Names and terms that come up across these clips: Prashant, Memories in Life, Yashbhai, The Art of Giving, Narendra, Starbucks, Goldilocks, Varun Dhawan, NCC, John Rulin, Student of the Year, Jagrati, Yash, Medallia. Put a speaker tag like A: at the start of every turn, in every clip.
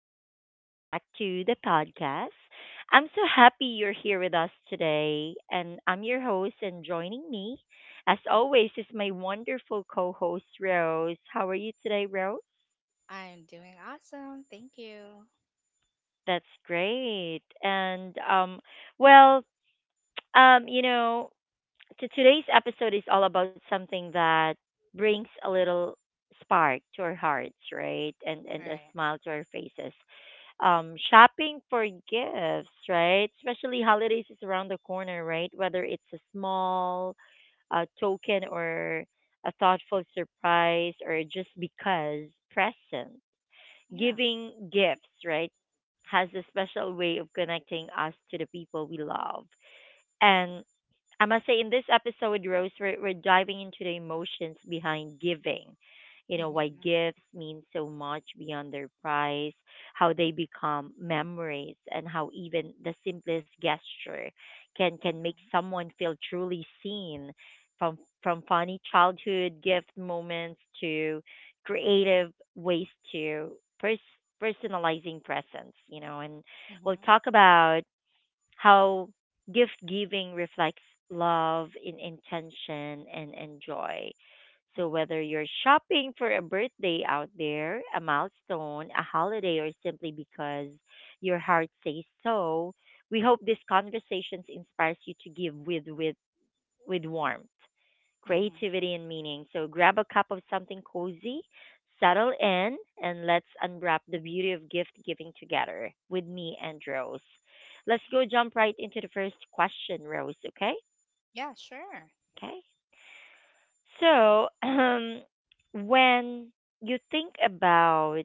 A: and welcome back to the podcast. I'm so happy you're here with us today, and I'm your host, and joining me, as always, is my wonderful co host, Rose. How are you today, Rose?
B: I'm doing awesome. Thank you. All
A: That's great. Well, um, you know, Today's episode is all about something that brings a little spark to our hearts, right? And a
B: right.
A: smile to our faces, shopping for gifts, right? Especially
B: Mm-hmm.
A: holidays is around the corner, right? Whether it's a small token or a thoughtful surprise or just because present,
B: Yeah.
A: giving gifts, right, has a special way of connecting us to the people we love. And I must say, in this episode, Rose, we're diving into the emotions behind giving. You know, why
B: Mm-hmm.
A: gifts mean so much beyond their price, how they become memories, and how even the simplest gesture can make
B: Mm-hmm.
A: someone feel truly seen, from funny childhood gift moments to creative ways to pers- personalizing presents, you know, and we'll
B: Mm-hmm.
A: talk about how gift giving reflects love in intention and joy. So
B: Mm-hmm.
A: whether you're shopping for a birthday out there, a milestone, a holiday, or simply because your heart says so, we hope these conversations inspires you to give with warmth,
B: Mm-hmm.
A: creativity, and meaning. So grab a cup of something cozy, settle in, and let's unwrap the beauty of gift giving together with me and Rose. Let's go jump right into the first question, Rose, okay?
B: Yeah, sure.
A: Okay. So, when you think about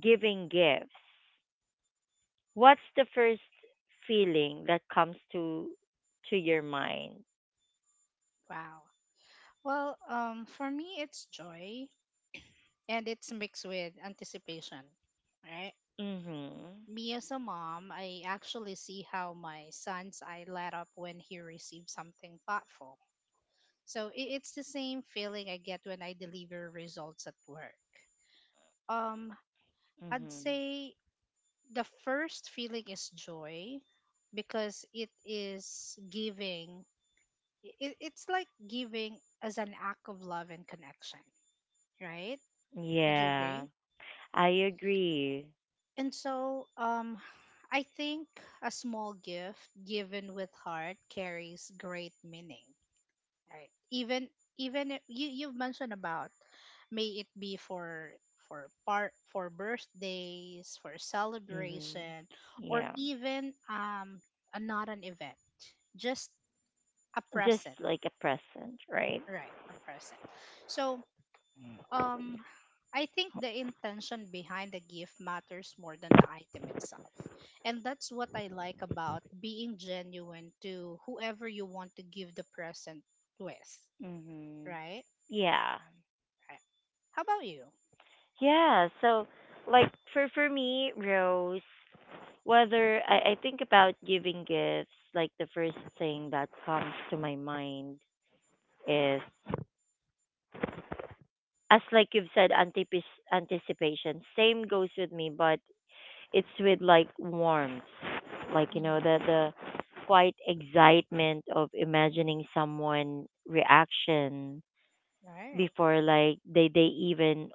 A: giving gifts, what's the first feeling that comes to your mind?
B: Wow. Well, for me, it's joy and it's mixed with anticipation, right?
A: Mhm.
B: Me as a mom, I actually see how my son's eye light up when he receives something thoughtful. So it's the same feeling I get when I deliver results at work. Um, I'd
A: Mhm.
B: say the first feeling is joy because it is giving. It's like giving as an act of love and connection, right? Would you
A: Yeah,
B: agree?
A: I agree.
B: And so, I think a small gift given with heart carries great meaning. Right, even even if you've mentioned about, may it be for part for birthdays, for
A: Mhm.
B: celebration, or
A: Yeah.
B: even a, not an event, just a
A: Just
B: present.
A: like a present, right?
B: Right, a present. So, um I think the intention behind the gift matters more than the item itself, and that's what I like about being genuine to whoever you want to give the present with,
A: Mhm.
B: right?
A: Yeah.
B: Right. How about you?
A: Yeah. So, like for me, Rose, whether I think about giving gifts, like the first thing that comes to my mind is, as like you've said, anticipation. Same goes with me, but it's with like warmth, like you know the
B: Mm-hmm.
A: the quite excitement of imagining someone reaction
B: Right.
A: before like they even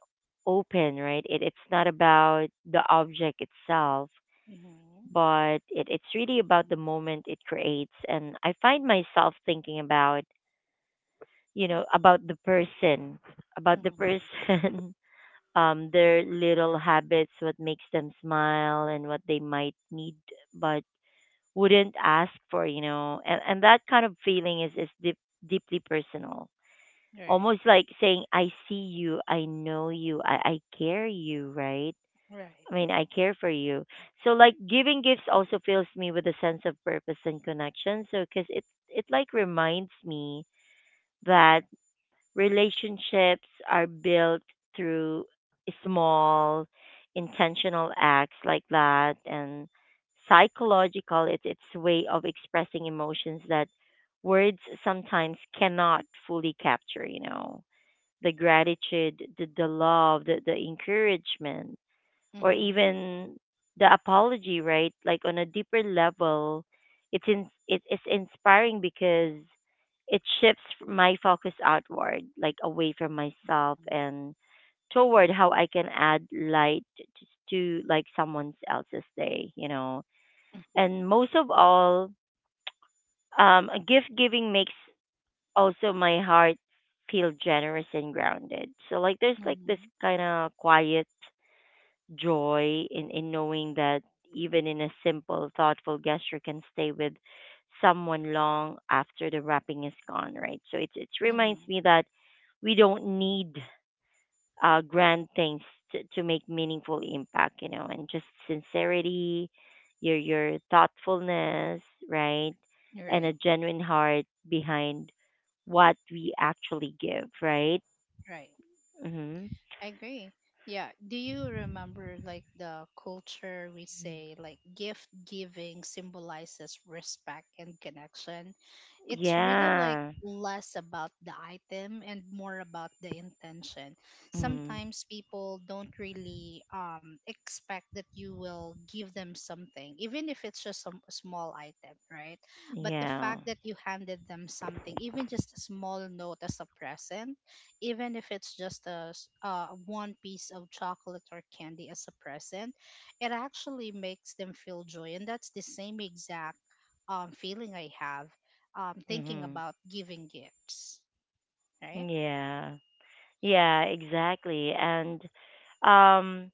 A: open, right? It's not about the object itself,
B: Mm-hmm.
A: but it's really about the moment it creates. And I find myself thinking about, you know, about the person, about the
B: Mm-hmm.
A: person their little habits, what makes them smile and what they might need but wouldn't ask for, you know. And that kind of feeling is deep, deeply personal,
B: Right.
A: almost like saying, I see you, I know you, I care you, right?
B: Right.
A: I mean, I care for you. So like giving gifts also fills me with a sense of purpose and connection, so because it like reminds me that relationships are built through small, intentional acts like that. And psychological, it's way of expressing emotions that words sometimes cannot fully capture, you know, the gratitude, the love, the encouragement, or
B: Mm-hmm.
A: even the apology, right? Like on a deeper level, it is inspiring because it shifts my focus outward, like away from myself and toward how I can add light just to like someone else's day, you know. And
B: Mm-hmm.
A: most of all, gift giving makes also my heart feel generous and grounded. So like there's like this
B: Mm-hmm.
A: kind of quiet joy in knowing that even in a simple thoughtful gesture can stay with someone long after the wrapping is gone, right? So it's it reminds
B: Mm-hmm.
A: me that we don't need grand things to make meaningful impact, you know, and just sincerity, your thoughtfulness, right, and a
B: Right.
A: genuine heart behind what we actually give, right?
B: Right.
A: Mm-hmm.
B: I agree. Yeah. Do you remember, like, the culture we say like gift giving symbolizes respect and connection? It's really like
A: Yeah.
B: less about the item and more about the intention.
A: Mm-hmm.
B: Sometimes people don't really expect that you will give them something, even if it's just some a small item, right? But the
A: Yeah.
B: fact that you handed them something, even just a small note as a present, even if it's just a one piece of chocolate or candy as a present, it actually makes them feel joy, and that's the same exact feeling I have thinking
A: Mm-hmm.
B: about giving gifts, right?
A: Yeah. Yeah, exactly. Um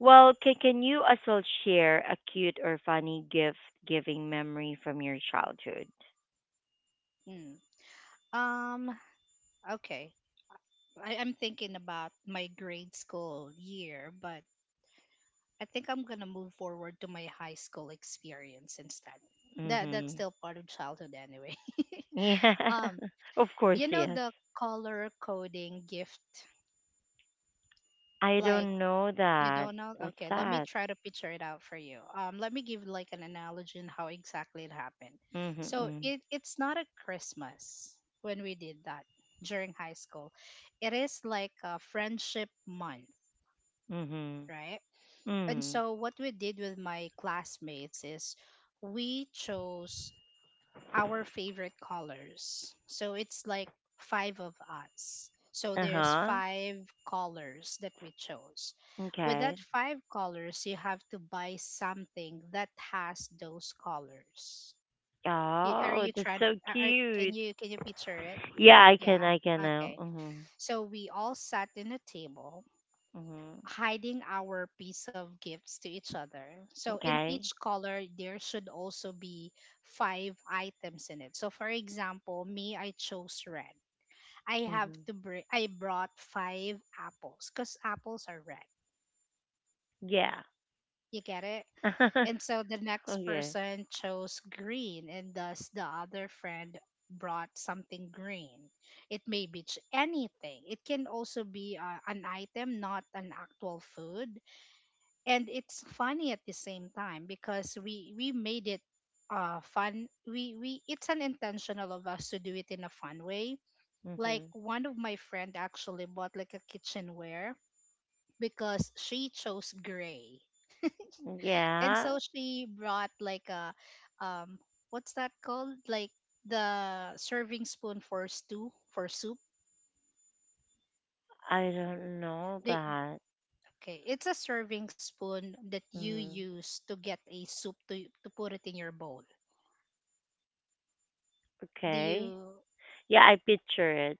A: can you as well share a cute or funny gift giving memory from your childhood?
B: Mm. Um, okay. I'm thinking about my grade school year, but I think I'm gonna move forward to my high school experience instead. That that's
A: Mm-hmm.
B: still part of childhood anyway.
A: Yeah,
B: um,
A: of course,
B: you know
A: yes.
B: the color coding gift,
A: I
B: like.
A: don't know
B: You
A: that.
B: don't know?
A: What's
B: Okay, let me
A: that?
B: try to picture it out for you. Let me give like an analogy on how exactly it happened. So
A: Mm-hmm.
B: it's not a Christmas when we did that during high school. It is like a friendship month,
A: Mm-hmm.
B: right? And
A: Mm.
B: so what we did with my classmates is we chose our favorite colors. So it's like five of us. So there's
A: Uh-huh.
B: five colors that we chose. With that
A: Okay.
B: five colors, you have to buy something that has those colors. Are
A: Oh,
B: you
A: that's
B: trying?
A: so
B: Can
A: cute.
B: you picture it?
A: Yeah,
B: Yeah.
A: I can now.
B: Okay.
A: Mm-hmm.
B: So we all sat in a table
A: Mm-hmm.
B: hiding our piece of gifts to each other. So in each
A: Okay.
B: color, there should also be five items in it. So for example, me, I chose red. I have
A: Mm-hmm.
B: to bring. I brought five apples because apples are red.
A: Yeah.
B: You get it? And so the next
A: Okay.
B: person chose green, and thus the other friend brought something green. It may be anything. It can also be an item, not an actual food, and it's funny at the same time because we made it fun. We it's an intentional of us to do it in a fun way. Like
A: Mm-hmm.
B: one of my friend actually bought like a kitchenware because she chose gray, and
A: Yeah,
B: so she brought like a, um what's that called, like the serving spoon for stew, for soup.
A: I don't know
B: They,
A: that.
B: okay, it's a serving spoon that you
A: Mm.
B: use to get a soup to put it in your bowl. Do you?
A: Okay. Yeah, I picture it.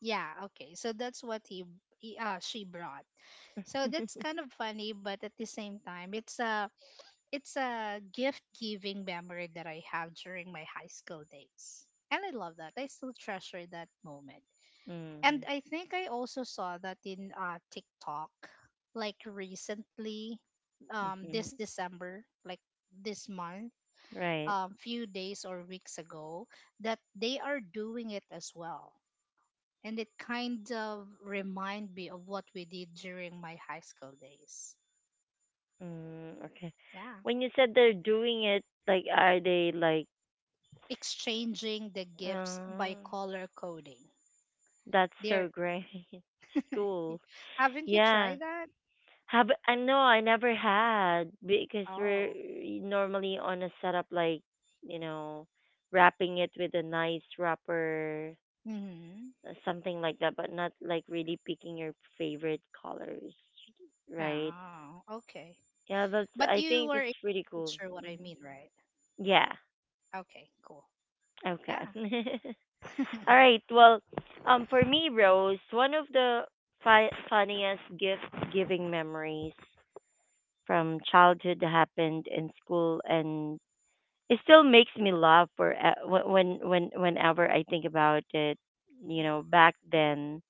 B: Yeah, okay. So that's what he she brought. So that's kind of funny, but at the same time, it's a, it's a gift giving memory that I have during my high school days, and I love that. I still treasure that moment.
A: Mm-hmm.
B: And I think I also saw that in TikTok, like recently, this
A: Mm-hmm.
B: December, like this month,
A: Right.
B: few days or weeks ago, that they are doing it as well, and it kind of remind me of what we did during my high school days.
A: Mm, okay.
B: Yeah,
A: When you said they're doing it, like, are they like,
B: exchanging the gifts by
A: oh,
B: color coding.
A: that's so
B: There,
A: great. School.
B: haven't you
A: Yeah.
B: tried that?
A: Have I no, I never had because we're
B: Oh,
A: normally on a setup like, you know, wrapping it with a nice wrapper,
B: mm-hmm.
A: something like that, but not like really picking your favorite colors, right?
B: Oh, okay.
A: Yeah, that's
B: But
A: I
B: you
A: think
B: were
A: that's
B: able
A: pretty
B: to
A: cool.
B: picture what I
A: Hmm.
B: mean, right?
A: Yeah.
B: Okay, cool.
A: Okay.
B: Yeah.
A: All right. Well, for me, Rose, one of the funniest gift giving memories from childhood happened in school, and it still makes me laugh for when whenever I think about it. You know, back then,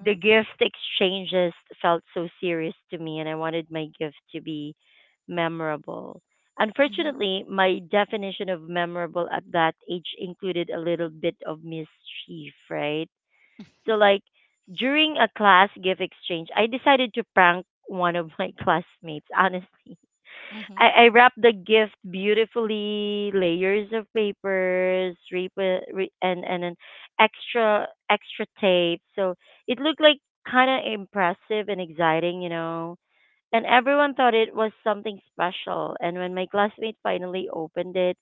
A: the gift exchanges felt so serious to me, and I wanted my gift to be memorable.
B: Mm-hmm.
A: Unfortunately, my definition of memorable at that age included a little bit of mischief, right? So like during a class gift exchange, I decided to prank one of my classmates, honestly. I,
B: Mm-hmm.
A: I wrap the gift beautifully, layers of papers, and an extra tape. So it looked like kind of impressive and exciting, you know. And everyone thought it was something special. And when my classmate finally opened it,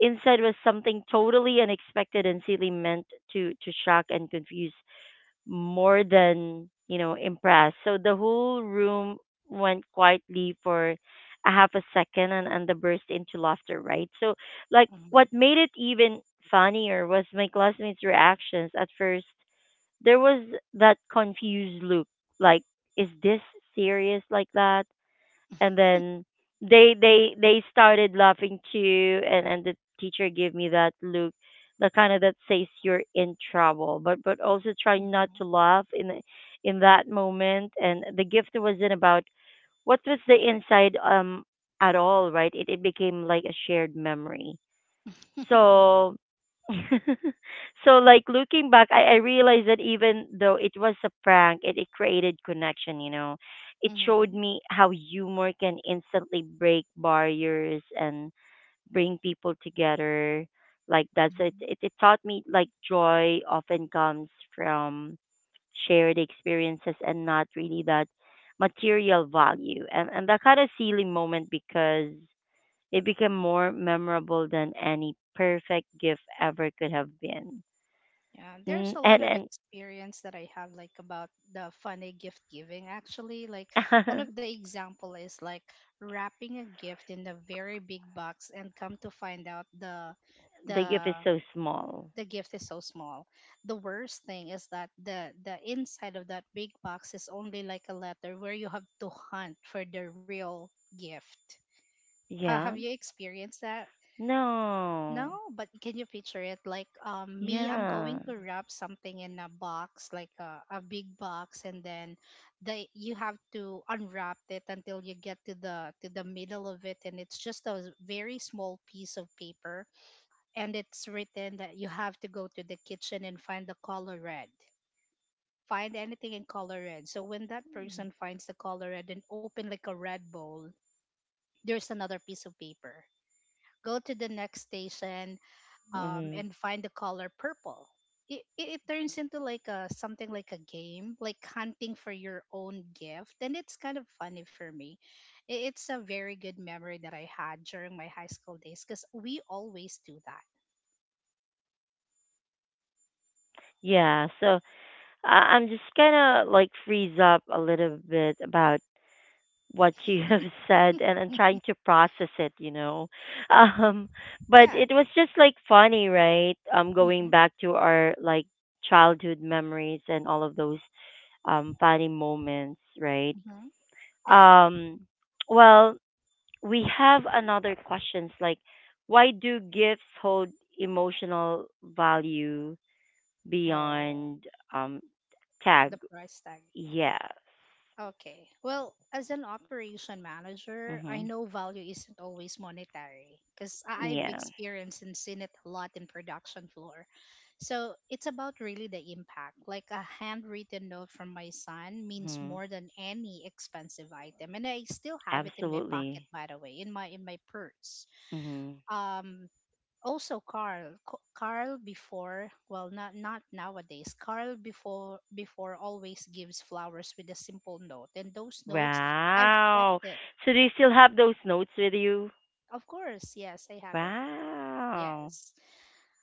A: inside was something totally unexpected and silly, meant to shock and confuse more than, you know, impressed. So the whole room went quietly for a half a second and the burst into laughter, right? So like what
B: Mm-hmm.
A: made it even funnier was my classmates' reactions at first. There was that confused look, like, is this serious like that? And then they started laughing too, and the teacher gave me that look, the kind of that says you're in trouble, but also try not to
B: Mm-hmm.
A: laugh in the- in that moment. And the gift wasn't about what was the inside at all, right? It became like a shared memory, so so like looking back, I realized that even though it was a prank, it created connection, you know. It showed me how humor can instantly break barriers and bring people together like that. So it,
B: Mm-hmm.
A: it, it taught me like joy often comes from shared experiences and not really that material value, and that kind of silly moment, because it became more memorable than any perfect gift ever could have been.
B: Yeah, there's
A: Mm,
B: a lot
A: and
B: of
A: and
B: experience that I have like about the funny gift giving actually. Like one of the example is like wrapping a gift in a very big box and come to find out the
A: the gift is
B: the
A: so small.
B: the gift is so small. The worst thing is that the inside of that big box is only like a letter where you have to hunt for the real gift. Ha have
A: Yeah.
B: you experienced that?
A: No.
B: No, but can you picture it? Like, me, I'm
A: Yeah.
B: going to wrap something in a box, like a big box, and then they, you have to unwrap it until you get to the middle of it, and it's just a very small piece of paper, and it's written that you have to go to the kitchen and find the color red. Find anything in color red. So when that person finds the color red and open like a red bowl, there's another piece of paper. Go to the next station,
A: Mm-hmm.
B: and find the color purple. It turns into like a something like a game, like hunting for your own gift, and it's kind of funny for me. It's a very good memory that I had during my high school days because we always do that, right?
A: Yeah. So I'm just kind of like freeze up a little bit about what you have said, and I'm trying to process it. You know. Um. But
B: Yeah.
A: it was just like funny, right? Going
B: Mm-hmm.
A: back to our like childhood memories and all of those funny moments, right?
B: Mm-hmm. Right.
A: Um, well, we have another questions like, why do gifts hold emotional value
B: Oh,
A: beyond um, tag?
B: the price tag.
A: Yes.
B: Okay. Well, as an operation manager, I
A: Mm-hmm.
B: know value isn't always monetary because I've
A: Yeah.
B: experienced and seen it a lot in production floor. So it's about really the impact. Like a handwritten note from my son means
A: Mm-hmm.
B: more than any expensive item, and I still have it in my pocket,
A: Absolutely.
B: by the way, in my purse.
A: Mm-hmm.
B: Um, also Carl. Carl before, well, not not nowadays. Carl before before always gives flowers with a simple note, and those notes I've kept
A: Wow.
B: it.
A: So do you still have those notes with you?
B: Of course, yes, I have it.
A: Wow.
B: Yes,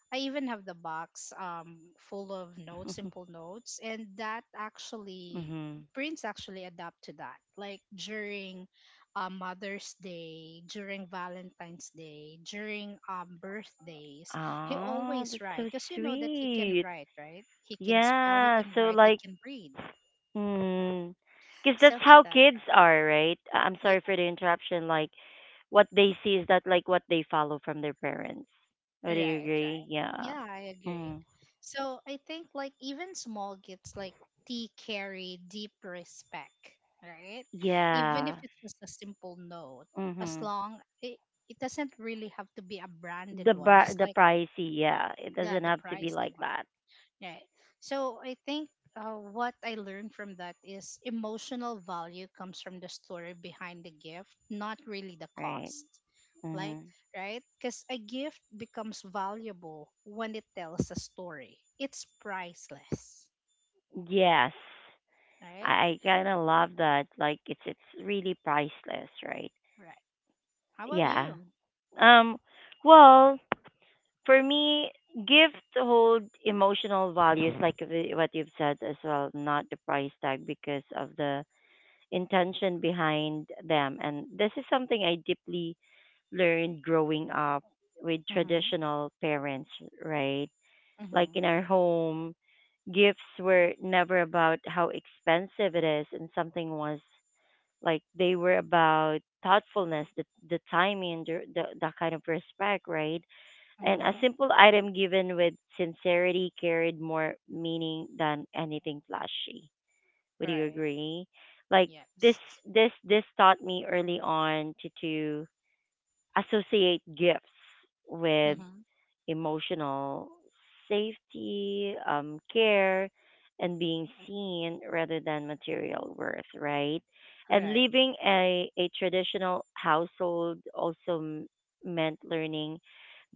B: I even have the box full of notes, simple notes, and that actually
A: Mm-hmm.
B: Prince actually adapt to that. Like during Mother's Day, during Valentine's Day, during birthdays, he
A: Oh,
B: always
A: that's so
B: write because you know that he can
A: sweet.
B: write, right? He can spell, he
A: Yeah,
B: can
A: so
B: write, he
A: like,
B: can read.
A: mm, because that's
B: So he
A: how
B: does
A: kids
B: that.
A: are, right? I'm sorry for the interruption. Like, what they see is that like what they follow from their parents. Oh, do you
B: Right, right.
A: agree? Yeah.
B: Yeah, I agree.
A: Mm.
B: So I think like even small gifts like tea carry deep respect, right? Even if
A: Yeah.
B: it's just a simple note, as
A: Mhm.
B: long it, it doesn't really have to be a branded one, just
A: The
B: like
A: pricey, yeah. It
B: yeah,
A: doesn't
B: the
A: have to be
B: pricey
A: like
B: one.
A: that,
B: Right. So I think what I learned from that is emotional value comes from the story behind the gift, not really the
A: right?
B: cost. Like,
A: Mhm.
B: right? Because a gift becomes valuable when it tells a story. It's priceless.
A: Yes.
B: Right?
A: I kind of love that. Like it's really priceless, right?
B: Right. How about
A: Yeah.
B: you?
A: Um well, for me, gifts hold emotional values, like the- what you've said as well, not the price tag because of the intention behind them. And this is something I deeply learned growing up with
B: Mm-hmm.
A: traditional parents, right? Like
B: Mm-hmm.
A: in our home, gifts were never about how expensive it is, and something was like they were about thoughtfulness, the timing, the kind of respect, right? And a
B: Mm-hmm.
A: simple item given with sincerity carried more meaning than anything flashy. Would you
B: Right.
A: agree? Like this
B: Yes.
A: this taught me early on to associate gifts with
B: Mm-hmm.
A: emotional safety, care, and being seen rather than material worth, right? And
B: Right.
A: leaving a traditional household also meant learning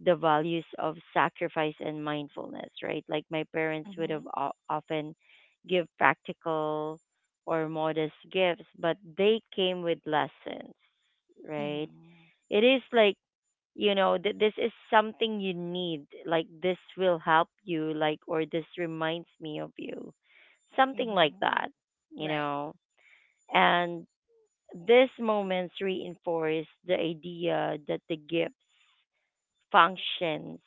A: the values of sacrifice and mindfulness, right? Like my parents would have
B: Mm-hmm.
A: often give practical or modest gifts, but they came with lessons, right?
B: Mm-hmm.
A: It is like, you know, that this is something you need, like this will help you, like, or this reminds me of you, something like that,
B: Mm-hmm.
A: you
B: Right.
A: know. And these moments reinforce the idea that the gifts functions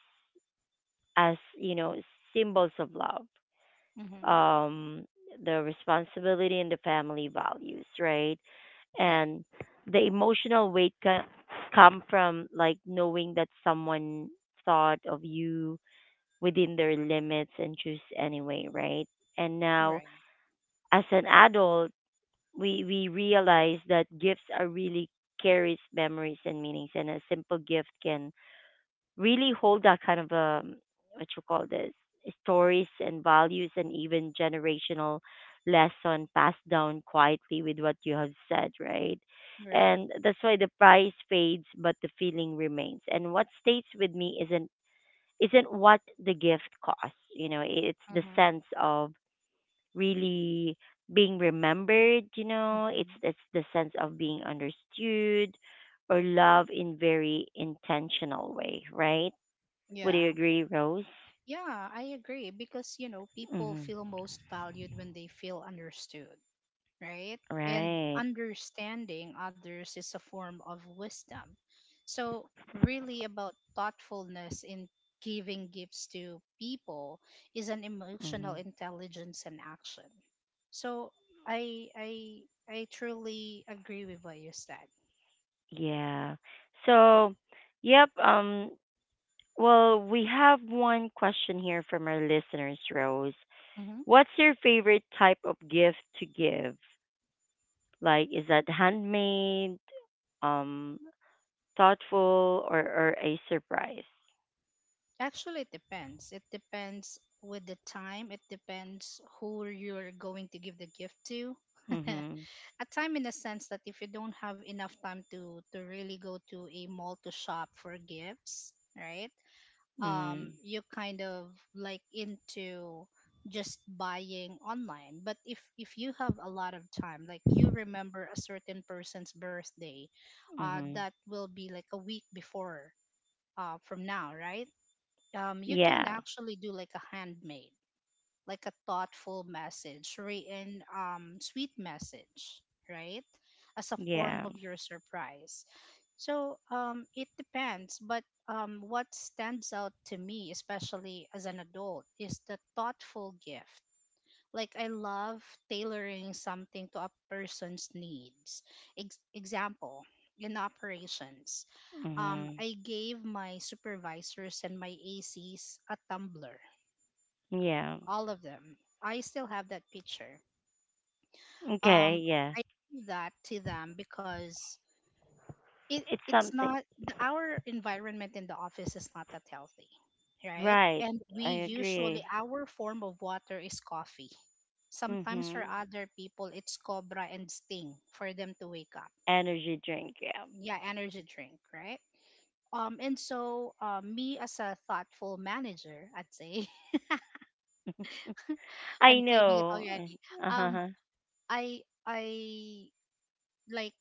A: as, you know, symbols of love,
B: Mm-hmm.
A: um, the responsibility and the family values, right?
B: Right.
A: And the emotional weight can come from like knowing that someone thought of you within their limits and choose anyway, right? And now,
B: Right.
A: as an adult, we realize that gifts are really carries memories and meanings, and a simple gift can really hold that kind of what you call this stories and values and even generational lesson passed down quietly with what you have said, right?
B: Right.
A: And that's why the price fades but the feeling remains. And what stays with me isn't what the gift costs, you know, it's the
B: Mm-hmm.
A: sense of really being remembered. You know, it's
B: Mhm.
A: it's the sense of being understood or love in very intentional way, right? Would you
B: Yeah.
A: agree, Rose?
B: Yeah, I agree because, you know, people
A: Mm-hmm.
B: feel most valued when they feel understood, right? And
A: Right.
B: understanding others is a form of wisdom. So, really, about thoughtfulness in giving gifts to people is an emotional
A: Mm-hmm.
B: intelligence and action. So, I, I, I truly agree with what you said.
A: Yeah. So, yep. Well, we have one question here from our listeners, Rose.
B: Mm-hmm.
A: What's your favorite type of gift to give? Like, is that handmade, um, thoughtful, or a surprise?
B: Actually, it depends. It depends with the time. It depends who you're going to give the gift to.
A: Mm-hmm.
B: A time in a sense that if you don't have enough time to really go to a mall to shop for gifts, right?
A: Mm-hmm.
B: You kind of like into just buying online. But if you have a lot of time, like you remember a certain person's birthday,
A: Mm-hmm.
B: that will be like a week before from now, right? You can
A: Yeah.
B: actually do like a handmade, like a thoughtful message, written, sweet message, right? As a form
A: Yeah.
B: of your surprise. So it depends, but what stands out to me, especially as an adult, is the thoughtful gift. Like I love tailoring something to a person's needs. Example, in operations,
A: Mm-hmm.
B: I gave my supervisors and my ACs a tumbler,
A: Yeah.
B: all of them. I still have that picture.
A: Okay.
B: Um,
A: Yeah.
B: I gave that to them because it
A: It's
B: it's
A: something.
B: not the, our environment in the office is not that healthy, right?
A: Right.
B: And we
A: I
B: usually
A: agree.
B: our form of water is coffee. Sometimes for
A: Mm-hmm.
B: other people, it's Cobra and Sting for them to wake up.
A: Energy drink. Yeah.
B: Yeah, energy drink, right? And so, me as a thoughtful manager, I'd say,
A: I
B: I'm claiming it
A: know.
B: already. Um,
A: Uh-huh.
B: I like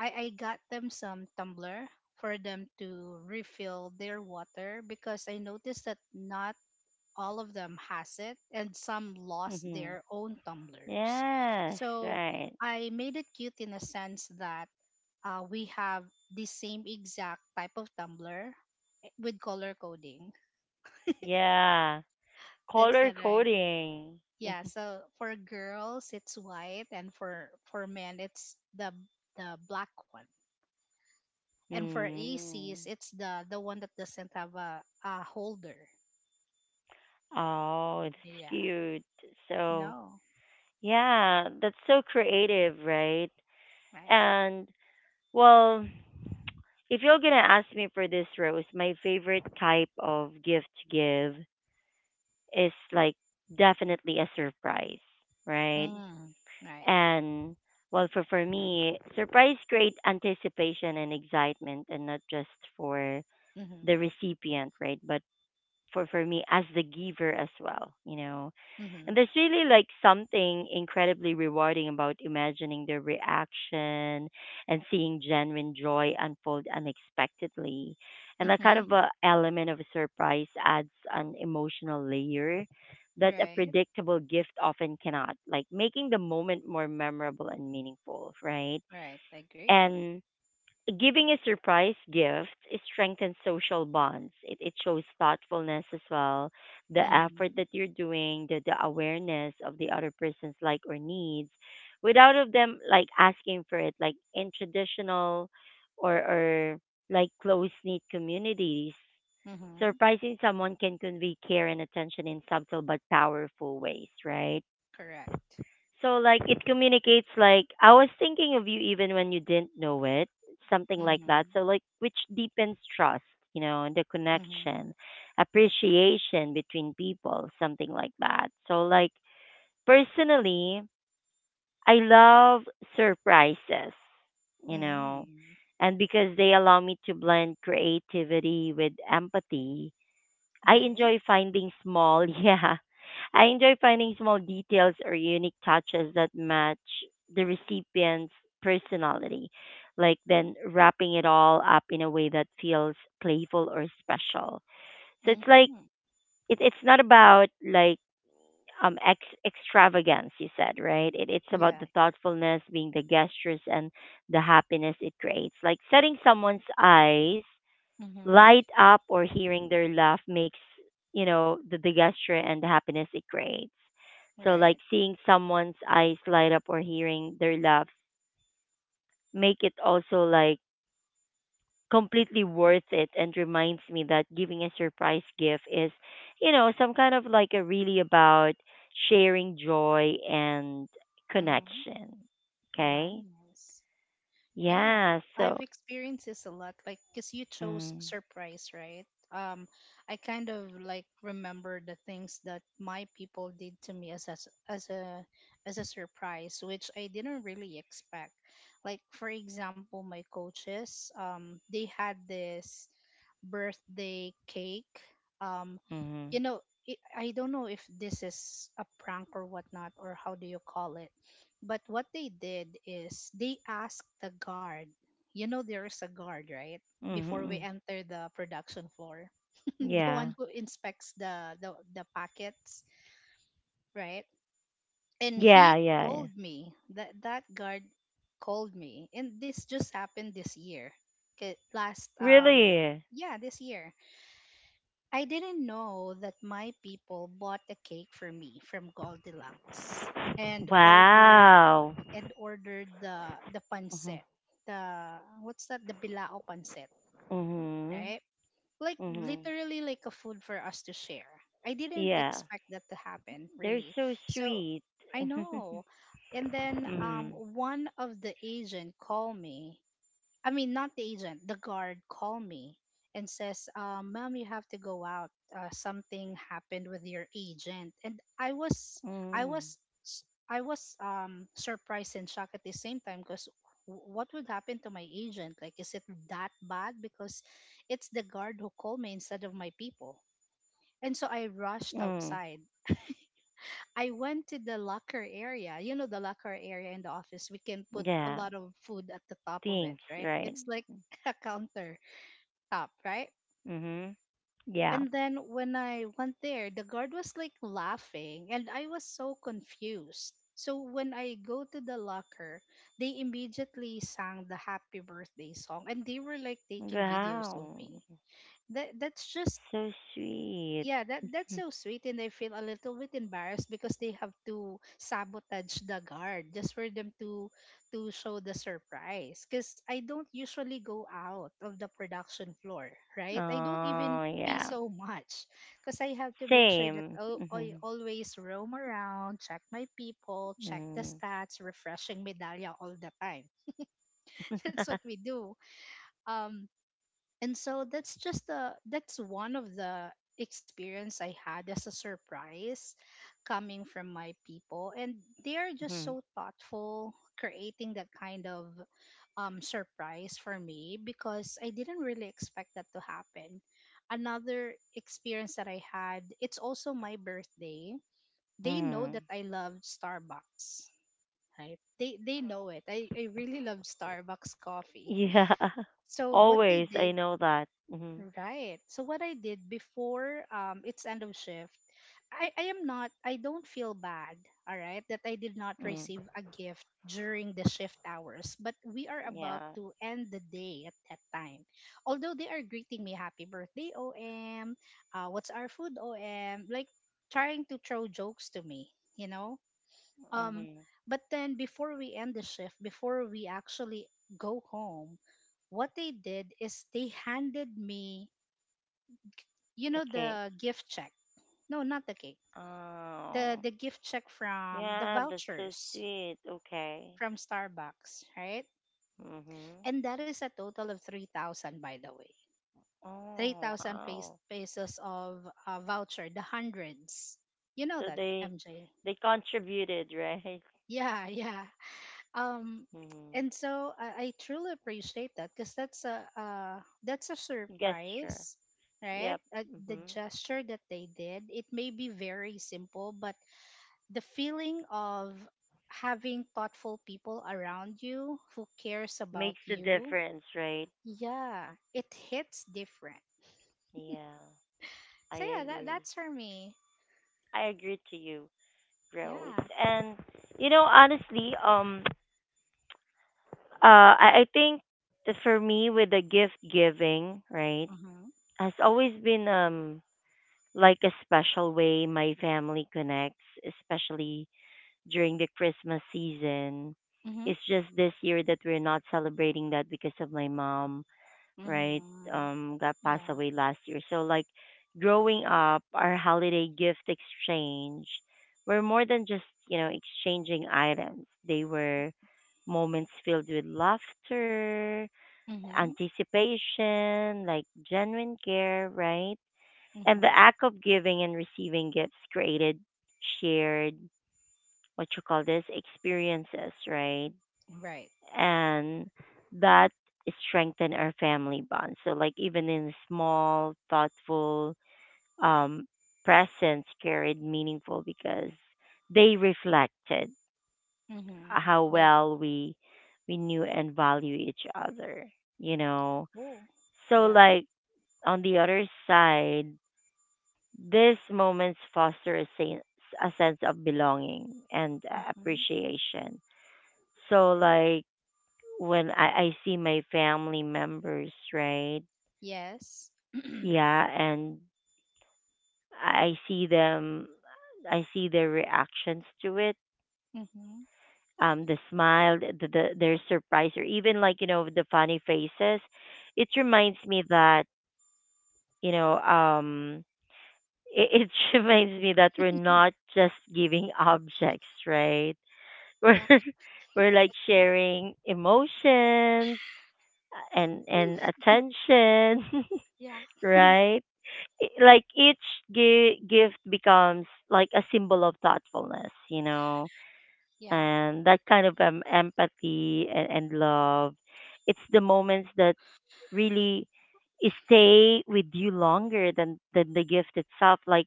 B: I got them some tumbler for them to refill their water because I noticed that not all of them has it and some lost
A: Mm-hmm.
B: their own tumblers.
A: Yes.
B: So
A: Right.
B: I made it cute in a sense that we have the same exact type of tumbler with color coding.
A: Yeah.
B: That's
A: Color
B: what I did.
A: coding.
B: Yeah, so for girls it's white and for men it's the black one. And for ACs
A: Mm.
B: it's the one that doesn't have a holder.
A: Oh, that's
B: Yeah.
A: cute.
B: I
A: So,
B: know.
A: yeah, that's so creative, right?
B: Right.
A: And, well, if you're going to ask me for this, Rose, my favorite type of gift to give is like definitely a surprise, right?
B: Mm, right.
A: And well, for me, surprise create anticipation and excitement, and not just for
B: Mhm.
A: the recipient, right? But for me as the giver as well, you know, and
B: Mhm.
A: there's really like something incredibly rewarding about imagining their reaction and seeing genuine joy unfold unexpectedly. And that kind of
B: Mhm.
A: a element of surprise adds an emotional layer that a
B: Right.
A: predictable gift often cannot, like making the moment more memorable and meaningful, right?
B: Right. I agree.
A: And giving a surprise gift strengthens social bonds. It shows thoughtfulness as well, the effort
B: Mhm.
A: that you're doing, the awareness of the other person's like or needs, without of them like asking for it. Like in traditional or like close knit communities,
B: Mhm.
A: surprising someone can convey care and attention in subtle but powerful ways, right?
B: Correct.
A: So like it communicates like I was thinking of you even when you didn't know it, something like that.
B: Mhm.
A: So like which deepens trust, you know, and the
B: Mhm.
A: connection, appreciation between people, something like that. So like personally, I love surprises, you know,
B: Mm.
A: and because they allow me to blend creativity with empathy. I
B: Right.
A: enjoy finding small, yeah. I enjoy finding small details or unique touches that match the recipient's personality, like then wrapping it all up in a way that feels playful or special. So it's like
B: Mhm.
A: it's not about like extravagance you said, right? it, it's about
B: Yeah.
A: the thoughtfulness being the gestures and the happiness it creates, like setting someone's eyes
B: Mhm.
A: light up or hearing their laugh makes, you know, the gesture and the happiness it creates, so like
B: Right.
A: seeing someone's eyes light up or hearing their laugh make it also like completely worth it and reminds me that giving a surprise gift is, you know, some kind of like a really about sharing joy and
B: Mhm.
A: connection.
B: Right.
A: Okay.
B: Nice. Yeah,
A: Yeah. So
B: I've experienced this a lot. Like, because you chose
A: mm,
B: surprise, right? Um, I kind of like remember the things that my people did to me as a, s- as a surprise, which I didn't really expect. Like, for example, my coaches, they had this birthday cake. Um, you
A: mhm.
B: know, I don't know if this is a prank or whatnot, or how do you call it. But what they did is they asked the guard. You know, there is a guard, right?
A: Mhm.
B: Before we
A: Mhm.
B: enter the production floor, the
A: Yeah.
B: one who inspects the packets, right? And
A: yeah
B: he
A: yeah yeah
B: called me. That guard called me, and this just happened this year. 'Kay, last
A: Really?
B: yeah, this year. I didn't know that my people bought a cake for me from Goldilocks and ordered
A: Wow.
B: and ordered the pancit.
A: Mhm.
B: The what's that? The bilao pancit,
A: Mhm.
B: right? Like
A: Mhm.
B: literally like a food for us to share. I didn't
A: Yeah.
B: expect that to happen,
A: They're
B: really.
A: so
B: So
A: sweet.
B: I know. And then
A: Mm.
B: one of the agent called me. I mean, not the agent, the guard call me and says, ma'am, you have to go out. Something happened with your agent. And I was,
A: Mm.
B: I was surprised and shocked at the same time because what would happen to my agent? Like, is it that bad? Because it's the guard who called me instead of my people. And so I rushed
A: Mm.
B: outside. I went to the locker area. You know, the locker area in the office, we can put a
A: Yeah.
B: lot of food at the top of it,
A: Thanks,
B: right?
A: right?
B: It's like a counter top, right?
A: Mhm.
B: And
A: Yeah.
B: then when I went there, the guard was like laughing and I was so confused. So when I go to the locker, they immediately sang the happy birthday song and they were like taking videos of
A: Wow.
B: me. That that's just
A: So sweet.
B: yeah, that's so sweet and I feel a little bit embarrassed because they have to sabotage the guard just for them to show the surprise, because I don't usually go out of the production floor, right? I don't even
A: Oh,
B: pee
A: yeah.
B: so much because I have to make sure that,
A: Same.
B: oh, I
A: Mhm.
B: always roam around, check my people, check the
A: Mhm.
B: stats, refreshing Medallia all the time. That's what we do. um and so that's one of the experience I had as a surprise coming from my people, and they are just so
A: Mhm.
B: thoughtful creating that kind of surprise for me because I didn't really expect that to happen. Another experience that I had, it's also my birthday. They know that
A: Mhm.
B: I love Starbucks, right? They know it. I really love Starbucks coffee.
A: Yeah.
B: So what they
A: Always,
B: did.
A: I know that. Mhm.
B: Right. So what I did before, it's end of shift, I am not I don't feel bad, all right, that I did not
A: Mm.
B: receive a gift during the shift hours, but we are about
A: Yeah.
B: to end the day at that time. Although they are greeting me happy birthday OM, what's our food OM, like trying to throw jokes to me, you know? Um
A: Mhm.
B: but then before we end the shift, before we actually go home, what they did is they handed me, you know,
A: Okay.
B: the gift check. No, not the cake, the
A: Oh.
B: the gift check from the
A: Yeah, that's so
B: vouchers
A: sweet. Okay.
B: from Starbucks, right?
A: Mhm.
B: And that is a total of 3,000, by the way.
A: Oh,
B: 3,000
A: wow.
B: pesos of voucher, the hundreds, you know,
A: So
B: that MJ.
A: they contributed, right?
B: Yeah. Yeah. um
A: Mhm.
B: and so I truly appreciate that because that's a
A: Gesture.
B: surprise, right?
A: Yep.
B: The
A: Mhm.
B: gesture that they did, it may be very simple, but the feeling of having thoughtful people around you who cares about
A: Makes a
B: you,
A: difference, right?
B: yeah, it hits different.
A: Yeah.
B: So
A: I
B: yeah, that
A: agree.
B: that's for me.
A: I agree to you, Rose.
B: Yeah.
A: And you know, honestly, I think that for me with the gift giving, right,
B: Mhm.
A: has always been like a special way my family connects, especially during the Christmas season.
B: Mhm.
A: It's just this year that we're not celebrating that because of my mom, right?
B: Mhm.
A: Got passed
B: Yeah.
A: away last year. So like growing up, our holiday gift exchange were more than just, you know, exchanging items. They were moments filled with laughter,
B: Mhm.
A: anticipation, like genuine care, right? And the
B: Mhm.
A: act of giving and receiving gifts created shared, what you call this, experiences, right?
B: Right.
A: And that strengthen our family bonds. So, like, even in small, thoughtful um, presents carried meaningful because they reflected
B: Mhm.
A: how
B: Very
A: well we knew and value each other, you know.
B: cool.
A: So
B: Yeah.
A: like on the other side, these moments foster a, a sense of belonging and
B: Mhm.
A: appreciation. So, like when I see my family members, right?
B: Yes.
A: Yeah, and I see them, I see their reactions to it.
B: Mhm.
A: The smile, the their surprise, or even like you know the funny faces. It reminds me that you know, it reminds me that we're not just giving objects, right? we're
B: Yeah.
A: we're like sharing emotions, and
B: Mm.
A: attention.
B: Yeah,
A: Right? Like each gift becomes like a symbol of thoughtfulness, you know,
B: yeah,
A: and that kind of empathy and love, it's the moments that really stay with you longer than the gift itself, like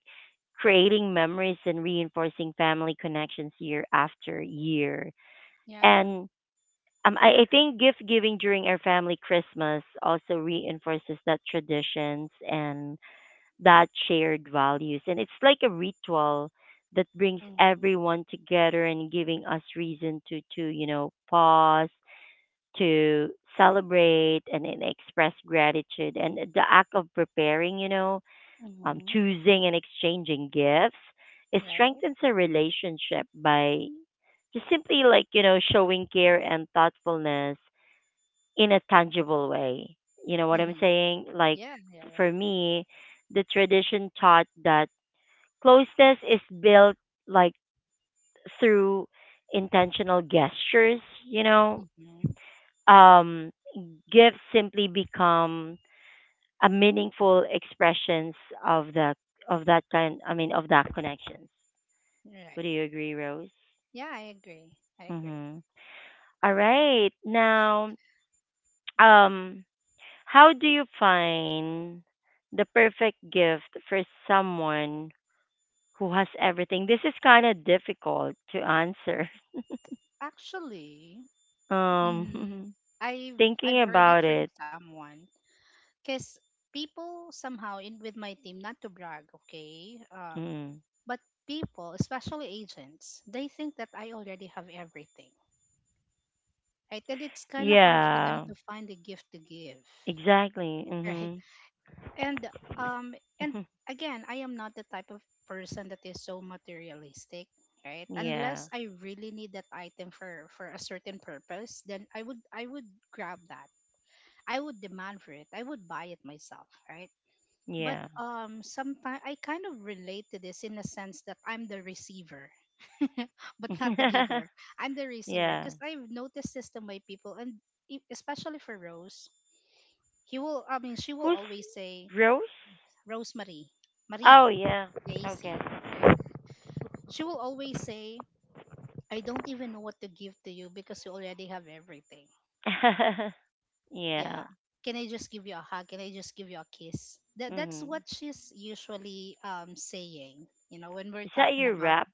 A: creating memories and reinforcing family connections year after year.
B: yeah.
A: And I think gift giving during our family Christmas also reinforces that traditions and that shared values. And it's like a ritual that brings
B: Mhm.
A: everyone together and giving us reason to you know, pause, to celebrate and express gratitude. And the act of preparing, you know,
B: Mhm.
A: choosing and exchanging gifts, it
B: Right.
A: strengthens a relationship by just simply like, you know, showing care and thoughtfulness in a tangible way. You know what I'm
B: Mhm.
A: saying? Like
B: Yeah, yeah, yeah.
A: for me, the tradition taught that closeness is built like through intentional gestures, you know.
B: Mhm.
A: Um gifts simply become a meaningful expressions of the of that kind I mean of that connection. Would
B: Right.
A: you agree, Rose?
B: Yeah, I agree. I agree.
A: Mhm. All right. Now, um, how do you find the perfect gift for someone who has everything? This is kind of difficult to answer.
B: Actually, mm,
A: Um,
B: I've
A: thinking
B: I've heard it
A: about
B: from
A: it.
B: someone, because people somehow in with my team, not to brag, okay,
A: Mm.
B: but people, especially agents, they think that I already have everything, right? And it's kind of hard for them
A: Yeah,
B: to find a gift to give,
A: exactly.
B: right?
A: Mhm.
B: and um and
A: Mhm.
B: again, I am not the type of person that is so materialistic, right?
A: Yeah.
B: Unless I really need that item for a certain purpose, then I would grab that, I would demand for it, I would buy it myself, right? But
A: Yeah.
B: sometimes I kind of relate to this in a sense that I'm the receiver, but not the giver. I'm the receiver
A: Yeah.
B: because I've noticed this to my people, and e- especially for Rose, he will I mean she will
A: Who's
B: always say,
A: Rose?
B: Rosemary, Marie,
A: Oh, yeah.
B: the
A: Okay.
B: AC. Right. She will always say, I don't even know what to give to you because you already have everything. Yeah.
A: Yeah.
B: Can I just give you a hug? Can I just give you a kiss? That's what
A: Mhm.
B: she's usually saying. You know, when we're
A: Is that
B: talking
A: your
B: about,
A: rap?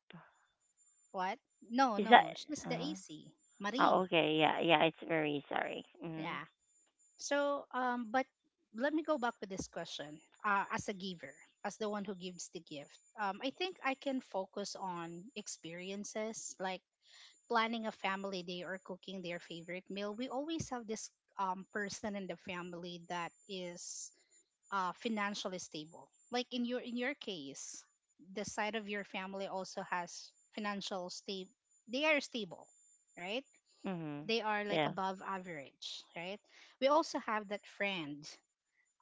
B: what? No,
A: Is that
B: no, she's the
A: uh,
B: AC.
A: oh,
B: Marie.
A: okay. Yeah, yeah. It's very sorry. Mm.
B: Yeah. So but let me go back with this question. As a giver, as the one who gives the gift. I think I can focus on experiences like planning a family day or cooking their favorite meal. We always have this person in the family that is financially stable. Like in your case, the side of your family also has financial stable. They are stable, right?
A: Mhm.
B: They are like
A: Yeah.
B: above average, right? We also have that friend,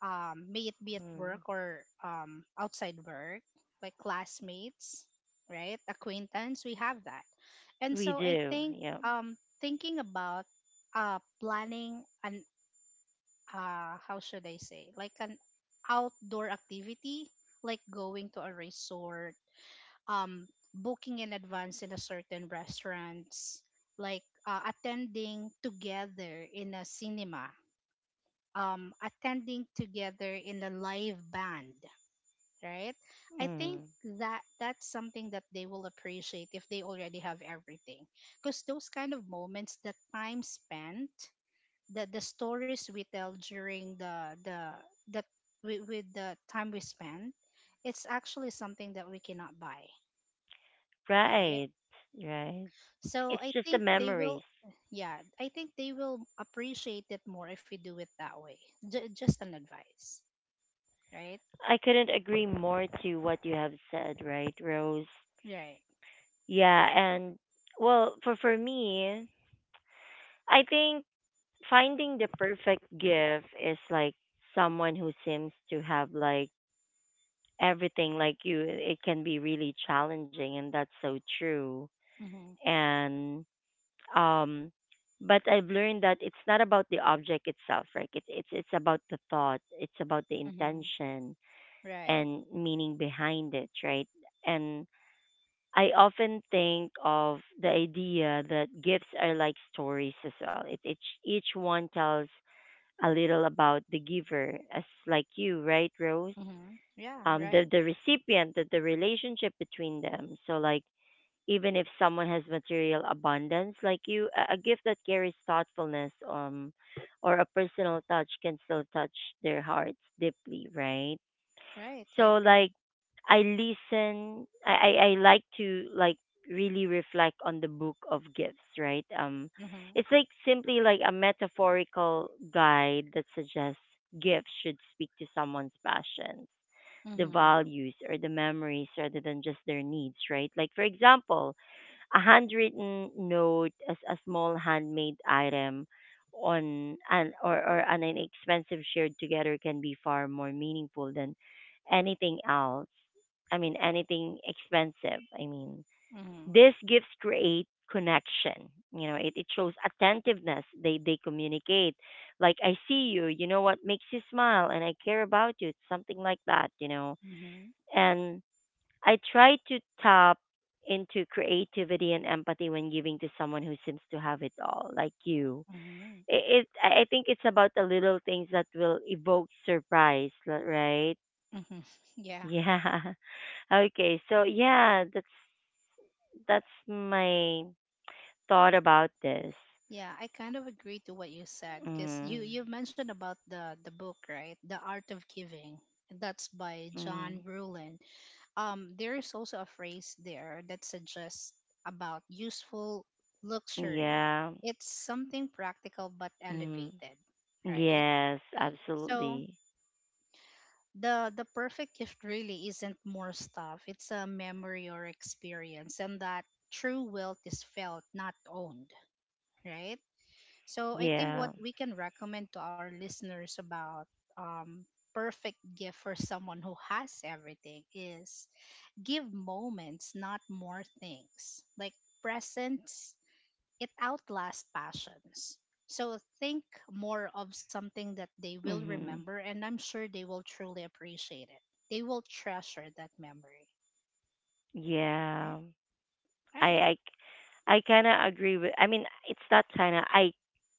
B: may it be at
A: Mm.
B: work or outside work, like classmates, right? Acquaintance, we have that. And
A: We
B: so I
A: do.
B: think,
A: Yeah.
B: um, thinking about planning an, how should I say, like an outdoor activity, like going to a resort, um, booking in advance in a certain restaurants, like attending together in a cinema, attending together in a live band, right? I think
A: Mm.
B: that that's something that they will appreciate if they already have everything. Because those kind of moments, the time spent, the stories we tell during the with the time we spend, it's actually something that we cannot buy, right?
A: Right. Right.
B: So
A: It's
B: I
A: just the
B: think they
A: memories.
B: will, yeah, I think they will appreciate it more if we do it that way. J- just an advice, right?
A: I couldn't agree more to what you have said, right, Rose?
B: Right.
A: Yeah, and well, for me, I think finding the perfect gift is like someone who seems to have like everything like you. It can be really challenging, and that's so true.
B: Mm-hmm.
A: And um, but I've learned that it's not about the object itself, right? It's about the thought, it's about the
B: Mm-hmm.
A: intention
B: Right.
A: and meaning behind it, right? And I often think of the idea that gifts are like stories as well. It each one tells a little about the giver, as like you, right, Rose?
B: Mm-hmm. Yeah, right.
A: The recipient, the relationship between them. So like even if someone has material abundance like you, a gift that carries thoughtfulness or a personal touch can still touch their hearts deeply, right?
B: Right. I
A: So
B: agree.
A: like I listen I like to like really reflect on the book of gifts, right? Um,
B: Mm-hmm.
A: it's like simply like a metaphorical guide that suggests gifts should speak to someone's passions, the
B: Mm-hmm.
A: values or the memories rather than just their needs, right? Like, for example, a handwritten note as a small handmade item on an or an inexpensive shared together can be far more meaningful than anything else. I mean anything expensive. I mean
B: Mm-hmm.
A: these gifts create connection. You know, it shows attentiveness. They communicate. Like I see you, you know what makes you smile and I care about you. It's something like that, you know.
B: Mm-hmm.
A: And I try to tap into creativity and empathy when giving to someone who seems to have it all, like you.
B: Mm-hmm.
A: It I think it's about the little things that will evoke surprise, right?
B: Mm-hmm. Yeah.
A: Yeah. Okay. So yeah, that's my thought about this.
B: Yeah, I kind of agree to what you said, because you
A: Mm,
B: mentioned about the book, right? The Art of Giving. That's by John
A: mm,
B: Rulin. There is also a phrase there that suggests about useful luxury.
A: yeah.
B: It's something practical but
A: Mm,
B: elevated, right?
A: yes.
B: So
A: Absolutely.
B: the perfect gift really isn't more stuff, it's a memory or experience, and that true wealth is felt, not owned, right? So I think what
A: Yeah.
B: we can recommend to our listeners about um perfect gift for someone who has everything is give moments, not more things, like presents, it outlasts passions. So think more of something that they will
A: Mm-hmm.
B: remember, and I'm sure they will truly appreciate it. They will treasure that memory.
A: Yeah.
B: Right?
A: I
B: Right.
A: I I kind of agree with. I mean, it's not kind of. I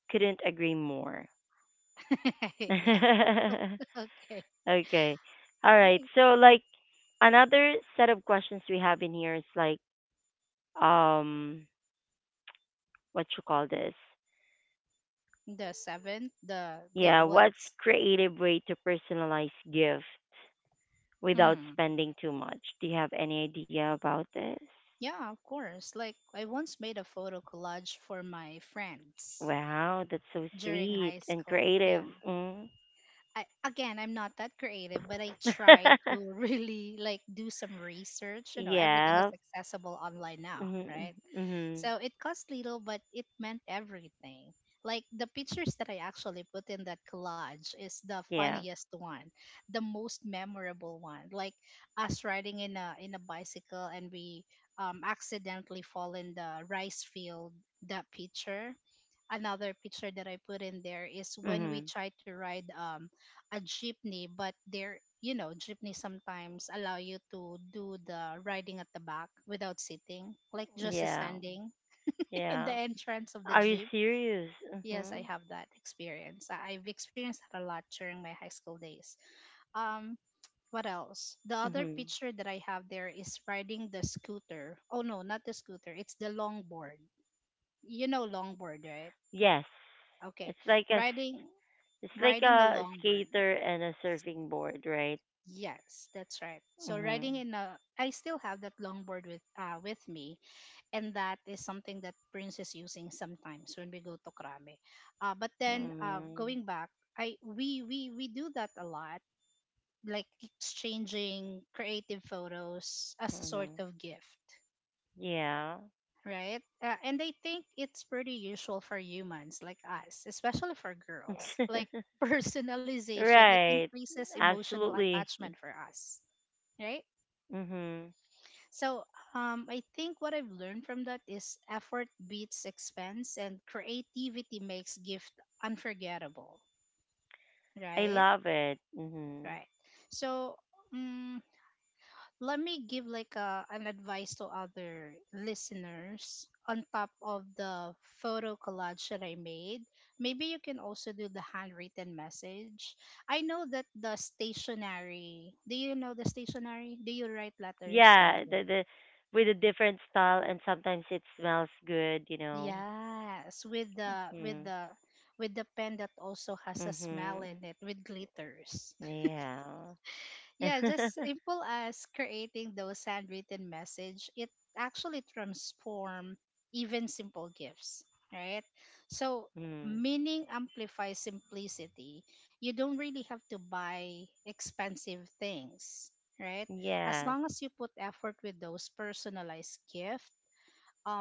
A: couldn't agree more.
B: Yeah. Okay.
A: Okay.
B: All
A: All right.
B: right.
A: So like another set of questions we have in here is like um what you call this?
B: The seventh, the
A: Yeah, what's
B: what's.
A: creative way to personalize gift without
B: Mm,
A: spending too much? Do you have any idea about this?
B: yeah, of course. Like I once made a photo collage for my friends
A: Wow, that's so
B: during
A: sweet
B: high
A: and
B: school.
A: creative.
B: Yeah.
A: Mm.
B: I, again, I'm not that creative, but I tried to really like do some research. You know, everything is
A: yeah.
B: accessible online now,
A: Mhm.
B: right?
A: Mhm.
B: So it cost little, but it meant everything. Like the pictures that I actually put in that collage is the
A: Yeah.
B: funniest one, the most memorable one. Like us riding in a bicycle and we accidentally fall in the rice field. That picture, another picture that I put in there is when we
A: Mhm.
B: tried to ride a jeepney, but there, you know, jeepney sometimes allow you to do the riding at the back without sitting, like just
A: Yeah.
B: standing in the
A: Yeah.
B: entrance of the
A: Are you
B: jeep.
A: serious?
B: Yes, I
A: Mhm.
B: have that experience. I've experienced that a lot during my high school days. Um, what else? The other
A: Mhm.
B: picture that I have there is riding the scooter. Oh no, not the scooter. It's the longboard. You know longboard, right?
A: Yes.
B: Okay,
A: It's like a
B: riding
A: it's like
B: riding a
A: a
B: longboard.
A: skater and a surfing board, right?
B: Yes, that's right. So riding
A: Mhm.
B: in a, I still have that longboard with me, and that is something that Prince is using sometimes when we go to Krame. But then
A: Mhm.
B: going back, I we do that a lot, like exchanging creative photos as a sort
A: Mhm.
B: of gift,
A: Yeah.
B: right? And I think it's pretty usual for humans like us, especially for girls. Like personalization, it
A: right.
B: increases emotional
A: Absolutely.
B: attachment for us, right?
A: Mhm.
B: So I think what I've learned from that is effort beats expense and creativity makes gift unforgettable.
A: I
B: Right?
A: love it. Mhm.
B: Right. So um, let me give like an advice to other listeners on top of the photo collage that I made. Maybe you can also do the handwritten message. I know that the stationery, do you know the stationery? Do you write letters,
A: Yeah,
B: MJ?
A: the with a different style and sometimes it smells good, you know.
B: Yes, with the with
A: Mhm.
B: the with the pen that also has a smell
A: Mhm.
B: in it with glitters.
A: Yeah.
B: Yeah, just simple as creating those handwritten message, it actually transform even simple gifts, right? So
A: mm.
B: meaning amplifies simplicity. You don't really have to buy expensive things, right? As
A: Yes,
B: long as you put effort with those personalized gift,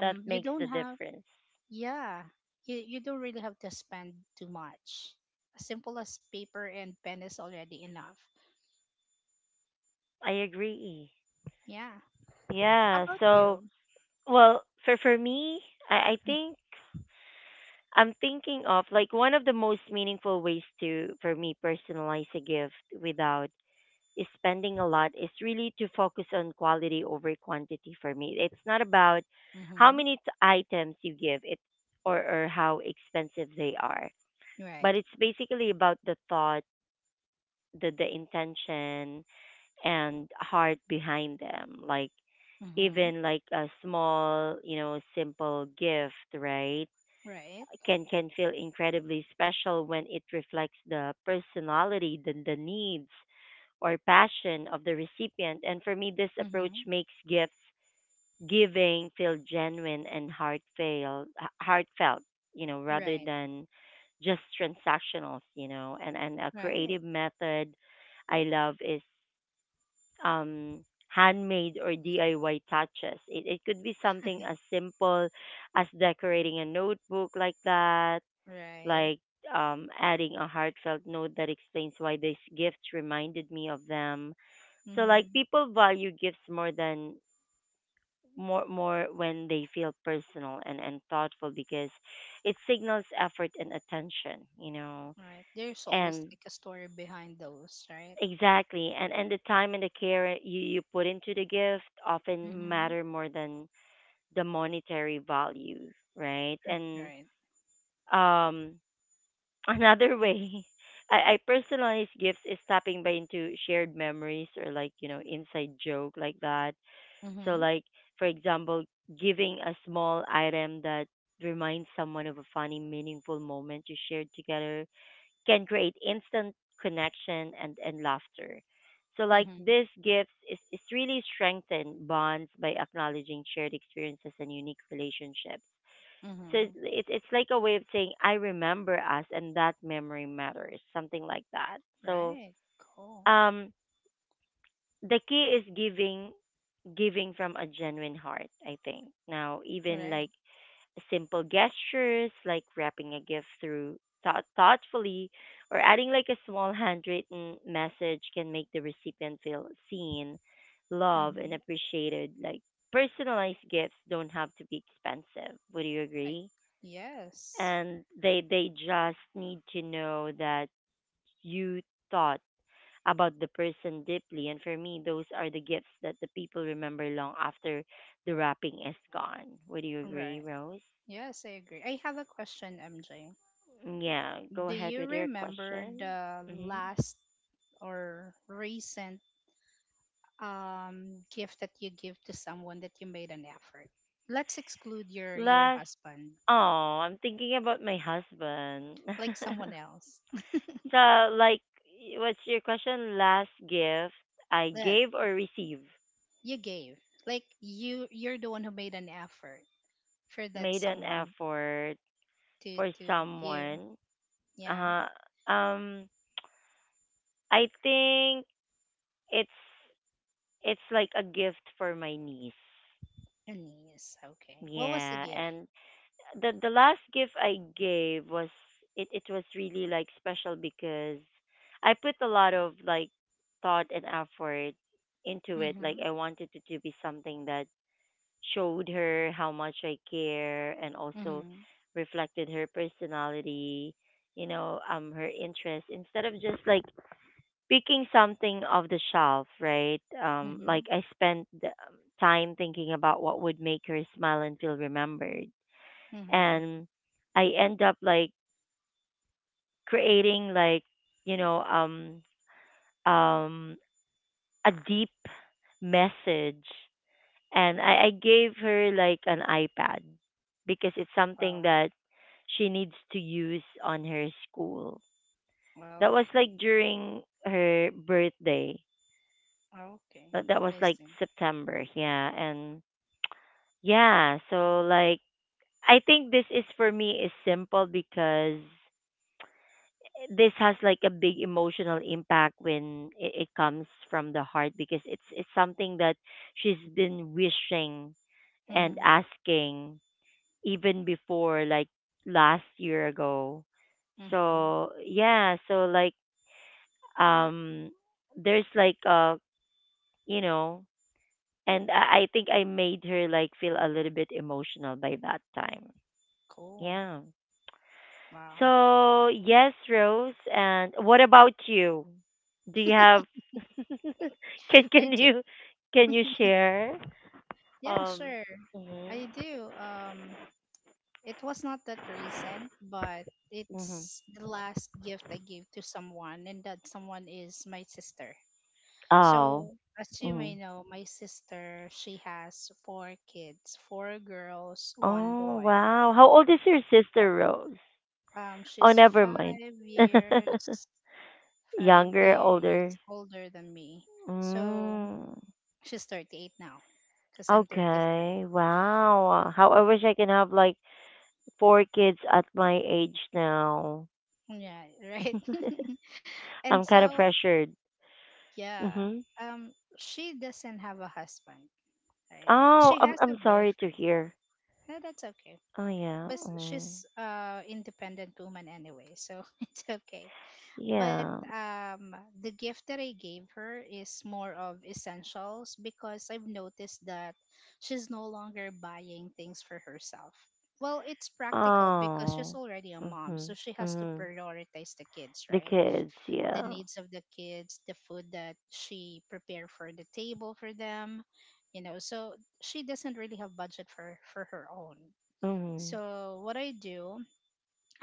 A: that
B: you
A: makes
B: don't
A: the
B: have
A: difference.
B: yeah, you don't really have to spend too much. As simple as paper and pen is already enough.
A: I agree.
B: Yeah. How
A: Yeah.
B: about
A: So,
B: you?
A: well, for me, I think I'm thinking of like one of the most meaningful ways to for me personalize a gift without is spending a lot is really to focus on quality over quantity for me. It's not about how
B: Mm-hmm.
A: many items you give it or how expensive they are, but
B: Right.
A: it's basically about the thought, the intention and heart behind them. Like
B: Mm-hmm.
A: even like a small, you know, simple gift, right?
B: Right.
A: Can feel incredibly special when it reflects the personality, the needs or passion of the recipient. And for me, this approach
B: Mm-hmm.
A: makes gifts giving feel genuine and heartfelt, you know, rather
B: Right.
A: than just transactional. And a creative
B: Right.
A: method I love is um handmade or DIY touches. It could be something as simple as decorating a notebook like that,
B: Right.
A: like adding a heartfelt note that explains why this gift reminded me of them. So like,
B: Mm-hmm.
A: people value gifts more than more when they feel personal and thoughtful because it signals effort and attention.
B: Right. There's always
A: And
B: like a story behind those, right?
A: exactly, and the time and the care you put into the gift often
B: Mm-hmm.
A: matter more than the monetary value, right? And
B: Right.
A: um another way I personalize gifts is tapping by into shared memories or, like, you know, inside joke like that. So,
B: Mm-hmm.
A: like, for example, giving a small item that reminds someone of a funny, meaningful moment you shared together can create instant connection and laughter. So, like,
B: Mm-hmm.
A: this gifts is really strengthen bonds by acknowledging shared experiences and unique relationships. So
B: Mm-hmm.
A: it's it's like a way of saying I remember us and that memory matters, something like that. So
B: Right. Cool.
A: um the key is giving from a genuine heart, I think, now even
B: Right.
A: like simple gestures like wrapping a gift through thoughtfully or adding like a small handwritten message can make the recipient feel seen, loved, and
B: Mm-hmm.
A: appreciated, like personalized gifts don't have to be expensive, would you
B: I,
A: agree?
B: yes.
A: And they just need to know that you thought about the person deeply. And for me, those are the gifts that the people remember long after the wrapping is gone. Would you
B: Right.
A: agree, Rose?
B: Yes, I agree. I have a question, MJ.
A: Mm, yeah, go
B: Do
A: ahead with
B: you
A: your
B: remember
A: question.
B: the
A: Hmm.
B: last or recent gift that you give to someone that you made an effort? Let's exclude your
A: Last,
B: husband,
A: oh, I'm thinking about my husband.
B: like someone else
A: So, like, what's your question? Last gift I
B: that
A: gave or received?
B: you gave. Like you're the one who made an effort for that
A: Made an
B: someone
A: effort for
B: to give.
A: someone. Uh
B: Yeah,
A: huh. I think it's It's like a gift for my niece.
B: a niece. Okay. What was the
A: Yeah,
B: gift?
A: and the last gift I gave was it it was really like special because I put a lot of like thought and effort into it. Like
B: Mhm.
A: I wanted it to be something that showed her how much I care and also
B: Mhm.
A: reflected her personality, you know, her interests instead of just like picking something off the shelf, right?
B: Mhm.
A: Like I spent the time thinking about what would make her smile and feel remembered,
B: Mhm.
A: and I end up like creating like, you know, um a deep message, and I gave her like an iPad because it's something
B: Wow.
A: that she needs to use on her school.
B: Well,
A: That was
B: okay.
A: like during her birthday,
B: Okay,
A: that that was
B: I
A: like
B: see.
A: September, yeah, and yeah, so like I think this is for me is simple because this has like a big emotional impact when it comes from the heart because it's something that she's been wishing and
B: Mhm.
A: asking even before, like, last year ago.
B: Mhm.
A: So yeah, so like um there's like a, you know, and I think I made her like feel a little bit emotional by that time.
B: Cool.
A: Yeah.
B: Wow.
A: So yes, Rose. And what about you? Do you have? can
B: I
A: can
B: do.
A: you can you share?
B: Yeah,
A: Um.
B: sure.
A: Mhm.
B: I do. It was not that recent, but
A: Mhm.
B: it's the last gift I gave to someone and that someone is my sister.
A: Oh.
B: So, as you may
A: Hmm.
B: know, my sister, she has four kids, four girls, one
A: Oh
B: boy.
A: wow. How old is your sister, Rose? Oh,
B: She's
A: never mind.
B: 5 years 5
A: Younger,
B: years
A: older.
B: older than me. So,
A: Mm.
B: she's 38 now because I'm 33.
A: Okay. Wow. How I wish I can have like four kids at my age now.
B: Yeah, right. And
A: I'm kind of
B: so,
A: pressured.
B: yeah,
A: Mhm.
B: um she doesn't have a husband, right?
A: Oh,
B: She
A: I'm
B: has a
A: I'm sorry to
B: boyfriend.
A: hear.
B: No, that's okay.
A: Oh yeah.
B: But
A: Mm.
B: she's independent woman anyway, so it's okay. But
A: Yeah.
B: um the gift that I gave her is more of essentials because I've noticed that she's no longer buying things for herself. Well, it's practical because she's
A: Oh.
B: already a mom, so
A: Mhm.
B: she has to
A: Mhm.
B: prioritize the kids,
A: The
B: right?
A: kids,
B: The
A: yeah.
B: needs of the kids, the food that she prepared for the table for them, you know. So she doesn't really have budget for her own.
A: Mhm.
B: So what I do,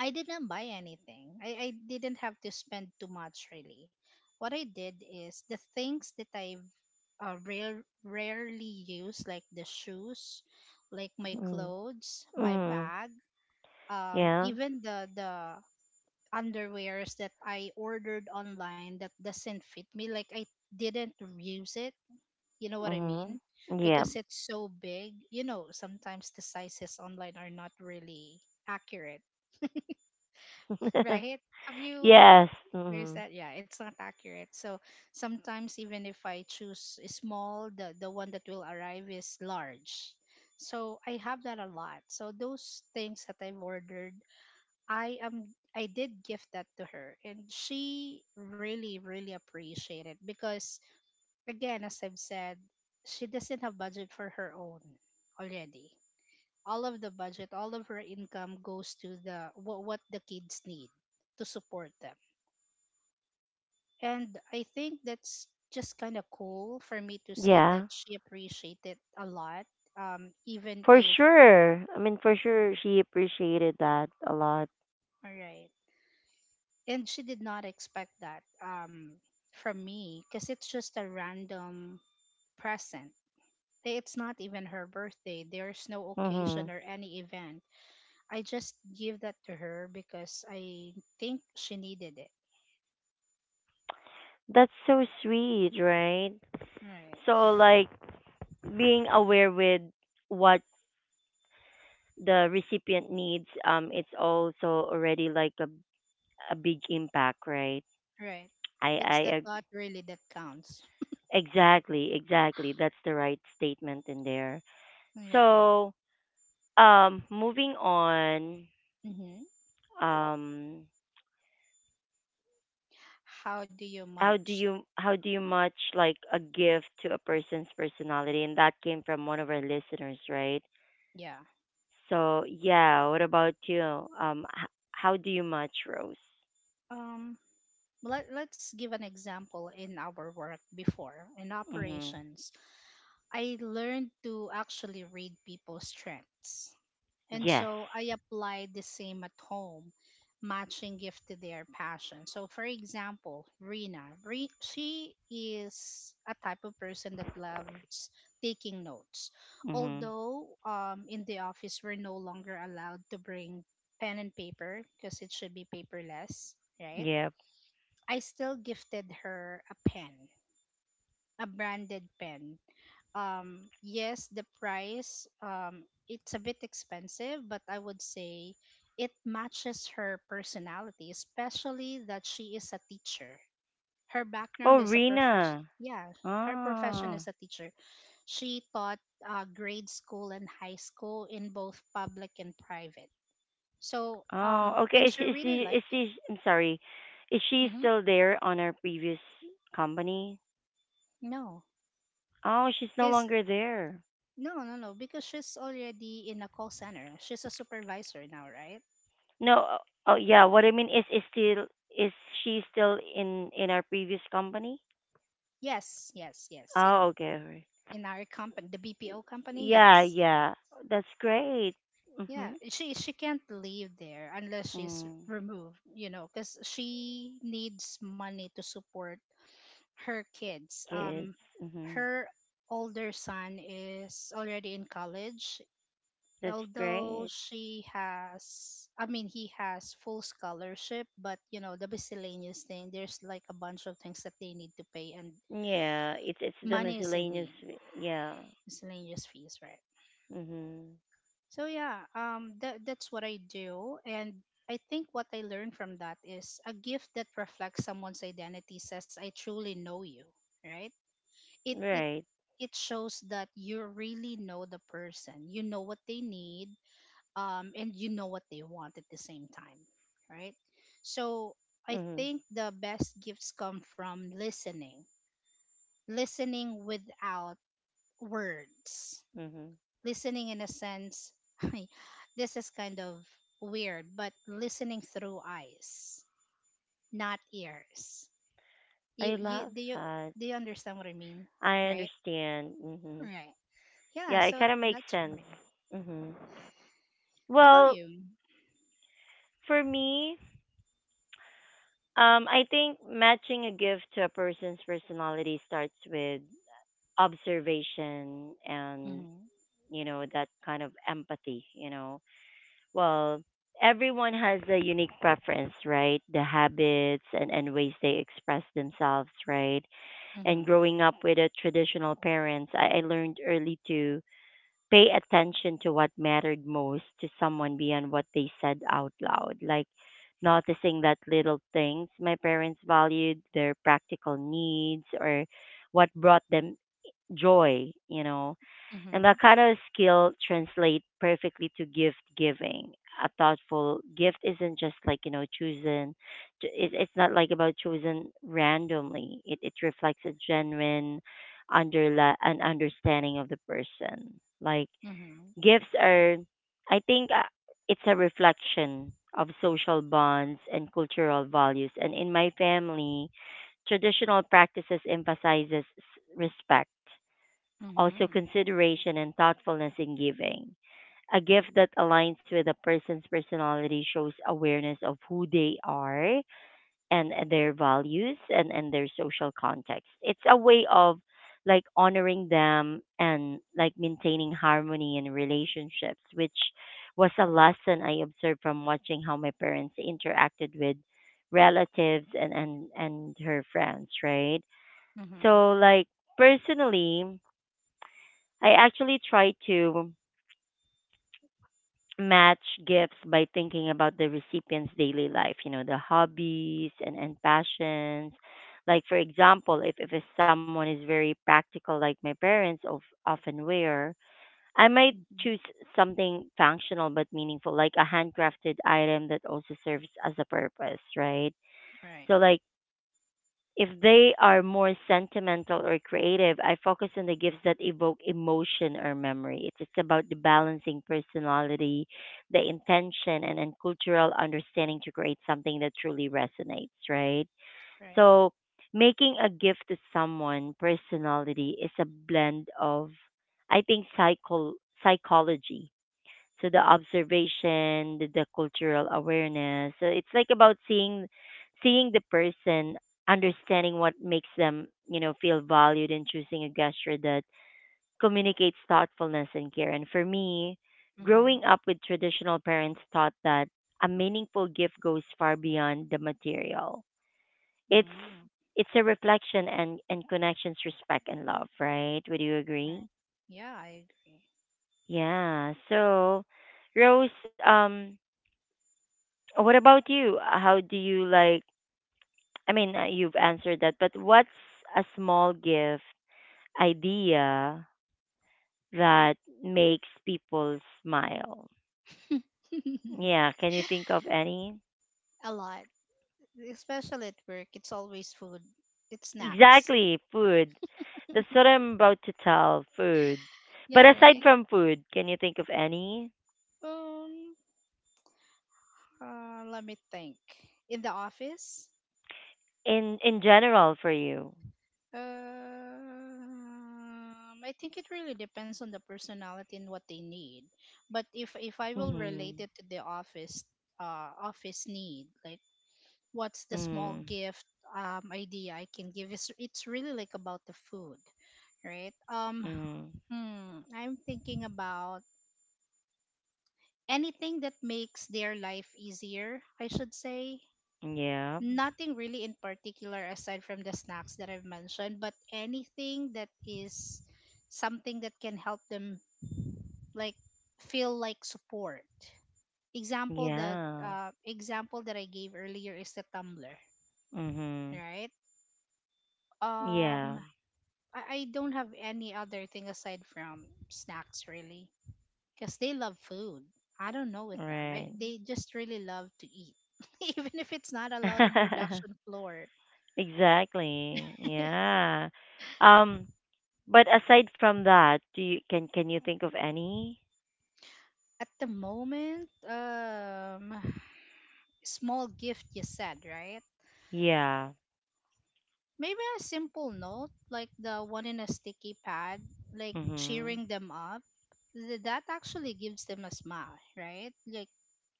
B: I didn't buy anything. I didn't have to spend too much really. What I did is the things that I rarely use, like the shoes, like my
A: Mhm.
B: clothes, my
A: Mhm.
B: bag,
A: Yeah.
B: even the underwears that I ordered online that doesn't fit me. Like I didn't use it. You know what I
A: Mhm.
B: mean?
A: Yeah.
B: Because it's so big. You know, sometimes the sizes online are not really accurate, right? Have you
A: yes.
B: Where's
A: Mhm.
B: that? Yeah, it's not accurate. So sometimes even if I choose a small, the one that will arrive is large. So I have that a lot. So those things that I've ordered, I am I did gift that to her and she really really appreciated, because again as I've said, she doesn't have budget for her own already. All of the budget, all of her income goes to the what the kids need to support them. And I think that's just kind of cool for me to see that
A: Yeah.
B: she appreciated a lot, even
A: For
B: if,
A: sure. I mean, for sure, she appreciated that a lot.
B: all right. And she did not expect that from me because it's just a random present. Eh, it's not even her birthday. There's no
A: Hmm.
B: occasion or any event. I just give that to her because I think she needed it.
A: That's so sweet, right?
B: Right,
A: So, like, being aware with what the recipient needs, it's also already like a big impact, right?
B: right.
A: I,
B: It's
A: I,
B: the
A: ag-
B: thought really that counts.
A: exactly, exactly. That's the right statement in there.
B: Right.
A: So, moving on,
B: Mm-hmm.
A: um,
B: How do you match?
A: how do you match like a gift to a person's personality? And that came from one of our listeners, right?
B: Yeah.
A: So yeah, what about you? How do you match, Rose?
B: Um, let's give an example in our work before in
A: Mm-hmm.
B: operations. I learned to actually read people's strengths. And
A: Yes.
B: so I applied the same at home, matching gift to their passion. So, for example, she is a type of person that loves taking notes.
A: Mm-hmm.
B: Although in the office, we're no longer allowed to bring pen and paper because it should be paperless, right?
A: Yep.
B: I still gifted her a pen, a branded pen. Yes, the price, it's a bit expensive, but I would say it matches her personality, especially that she is a teacher. Her background
A: Oh,
B: is a profession.
A: Rena.
B: Yeah, her profession
A: Oh.
B: is a teacher. She taught grade school and high school in both public and private. So,
A: Oh. Okay.
B: and
A: Is,
B: she
A: she- is
B: really
A: she? Is
B: liked it.
A: she? I'm sorry. Is she
B: Mm-hmm.
A: still there on our previous company?
B: No,
A: Oh, she's no
B: because
A: longer there.
B: No, no, no, because she's already in a call center. She's a supervisor now, right?
A: No, oh yeah, what I mean is still is she still in our previous company?
B: Yes, yes, yes. In
A: Oh, okay. Alright.
B: our company, the BPO company,
A: Yeah,
B: yes.
A: yeah. That's great.
B: Yeah,
A: Mhm.
B: she can't leave there unless she's
A: Mm,
B: removed, you know, cuz she needs money to support her kids.
A: kids. Mhm.
B: Her older son is already in college,
A: That's
B: although
A: great.
B: she has, I mean he has full scholarship, but you know the miscellaneous thing, there's like a bunch of things that they need to pay and
A: Yeah, it's the
B: money is in
A: miscellaneous.
B: need,
A: Yeah.
B: miscellaneous fees, right?
A: Mhm.
B: So yeah, that, that's what I do. And I think what I learned from that is a gift that reflects someone's identity says I truly know you, right? it it
A: Right.
B: it shows that you really know the person, you know what they need, and you know what they want at the same time, right? So I
A: Mhm.
B: think the best gifts come from listening, listening without words,
A: Mhm.
B: listening in a sense. This is kind of weird, but listening through eyes, not ears. You,
A: I
B: you
A: love
B: do you
A: that.
B: do you understand what I mean,
A: I
B: right?
A: understand. Mhm.
B: Right. Yeah.
A: Yeah, it
B: So
A: kind of makes
B: that's for
A: sense.
B: me.
A: Mhm.
B: How about
A: Well,
B: you?
A: for me, um, I think matching a gift to a person's personality starts with observation and,
B: Mm-hmm.
A: you know, that kind of empathy, you know. Well, everyone has a unique preference, right? The habits and ways they express themselves, right? And
B: Mm-hmm.
A: growing up with a traditional parents, I learned early to pay attention to what mattered most to someone beyond what they said out loud. Like, noticing that little things my parents valued, their practical needs, or what brought them joy, you know. And
B: Mm-hmm.
A: that kind of skill translates perfectly to gift giving. A thoughtful gift isn't just like, you know, chosen. It's not like about chosen randomly. It reflects a genuine an understanding of the person. Like,
B: Mm-hmm.
A: gifts are, I think, it's a reflection of social bonds and cultural values. And in my family, traditional practices emphasizes respect, also
B: Mm-hmm.
A: consideration and thoughtfulness in giving. A gift that aligns with a person's personality shows awareness of who they are and their values and their social context. It's a way of like honoring them and like maintaining harmony in relationships, which was a lesson I observed from watching how my parents interacted with relatives and and her friends, right?
B: Mhm.
A: So like personally, I actually try to match gifts by thinking about the recipient's daily life, you know, the hobbies and passions. Like, for example, if it's someone is very practical, like my parents of, often wear, I might
B: Mhm.
A: choose something functional but meaningful, like a handcrafted item that also serves as a purpose, right?
B: Right.
A: So, like, if they are more sentimental or creative, I focus on the gifts that evoke emotion or memory. It's just about the balancing personality, the intention, and cultural understanding to create something that truly resonates, right?
B: Right.
A: So, making a gift to someone personality is a blend of, I think, psychology, so the observation, the cultural awareness, so it's like about seeing the person, understanding what makes them, you know, feel valued and choosing a gesture that communicates thoughtfulness and care. And for me,
B: Mhm.
A: growing up with traditional parents taught that a meaningful gift goes far beyond the material. it's
B: Mhm.
A: it's a reflection and connections, respect and love, right? Would you
B: Right.
A: agree?
B: Yeah, I agree.
A: Yeah, so Rose, um, what about you? How do you like? I mean, you've answered that, but what's a small gift idea that makes people smile? Yeah, can you think of any?
B: A lot, especially at work. It's always food. It's snacks.
A: Exactly, food. That's what I'm about to tell, food.
B: Yeah.
A: But aside
B: Right.
A: from food, can you think of any
B: Um. Let me think. In the office.
A: in general for you?
B: Um. I think it really depends on the personality and what they need. But if I will relate
A: Mhm.
B: it to the office, office need, like what's the small
A: Mhm.
B: gift idea I can give, is it's really like about the food, right?
A: Mhm.
B: I'm thinking about anything that makes their life easier, I should say.
A: Yeah.
B: Nothing really in particular aside from the snacks that I've mentioned, but anything that is something that can help them like feel like support.
A: Yeah.
B: Example that I gave earlier is the tumbler,
A: Mhm.
B: right? um
A: Yeah.
B: I don't have any other thing aside from snacks really, because they love food. I don't know with them,
A: Right.
B: they just really love to eat. Even if it's not allowed in production floor
A: Exactly. Yeah. Um, but aside from that, do you can you think of any?
B: at the moment. Small gift, you said, right?
A: Yeah.
B: Maybe a simple note like the one in a sticky pad, like
A: Mhm.
B: cheering them up, that actually gives them a smile, right? Like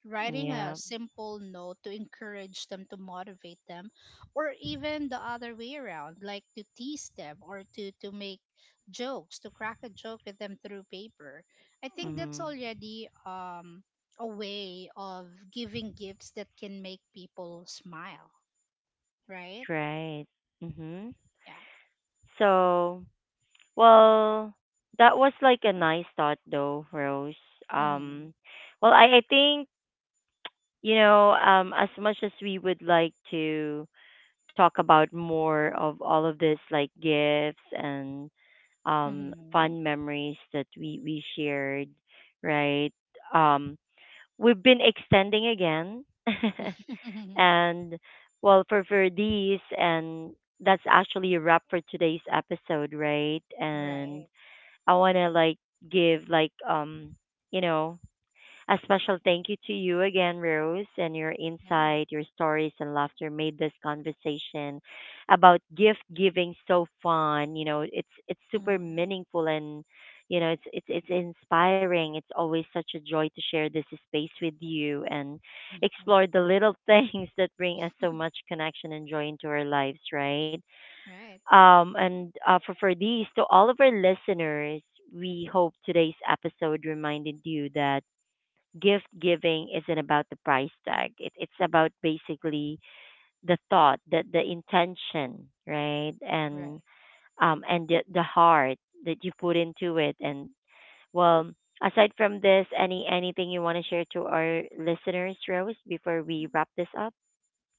B: writing a
A: Yeah.
B: simple note to encourage them, to motivate them, or even the other way around, like to tease them or to make jokes, to crack a joke with them through paper. I think that's
A: Mhm.
B: already a way of giving gifts that can make people smile, right?
A: Right. Mhm.
B: Yeah.
A: So, well, that was like a nice thought though, Rose.
B: Mm-hmm.
A: Um, well, I think, you know, um, as much as we would like to talk about more of all of this like gifts and
B: Mm-hmm.
A: fun memories that we shared, right? Um, we've been extending again. And well, for these, and that's actually a wrap for today's episode, right? And
B: Right.
A: I want to like give like you know a special thank you to you again, Rose, and your
B: Yeah.
A: insight, your stories, and laughter made this conversation about gift giving so fun. You know, it's super
B: Mm-hmm.
A: meaningful and you know it's inspiring. It's always such a joy to share this space with you and
B: Mm-hmm.
A: explore the little things that bring us so much connection and joy into our lives, right?
B: Right.
A: And for these to all of our listeners, we hope today's episode reminded you that gift giving isn't about the price tag. It's about basically the thought, the intention, right? And
B: Right.
A: um, and the heart that you put into it. And well, aside from this, any anything you want to share to our listeners, Rose, before we wrap this up?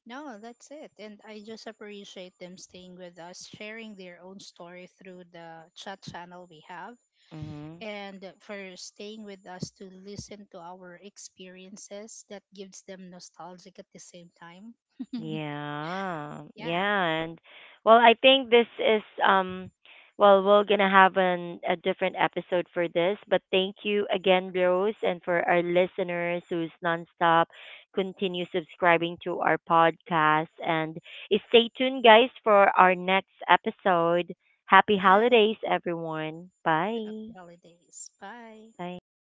B: No, that's it. And I just appreciate them staying with us, sharing their own story through the chat channel we have,
A: Mm-hmm.
B: and for staying with us to listen to our experiences that gives them nostalgic at the same time.
A: Yeah,
B: Yeah,
A: yeah, and well, I think this is well, we're gonna have an a different episode for this, but thank you again, Rose, and for our listeners who's nonstop continue subscribing to our podcast, and stay tuned, guys, for our next episode. Happy
B: right.
A: holidays, everyone. Bye.
B: Happy holidays. Bye.
A: Bye.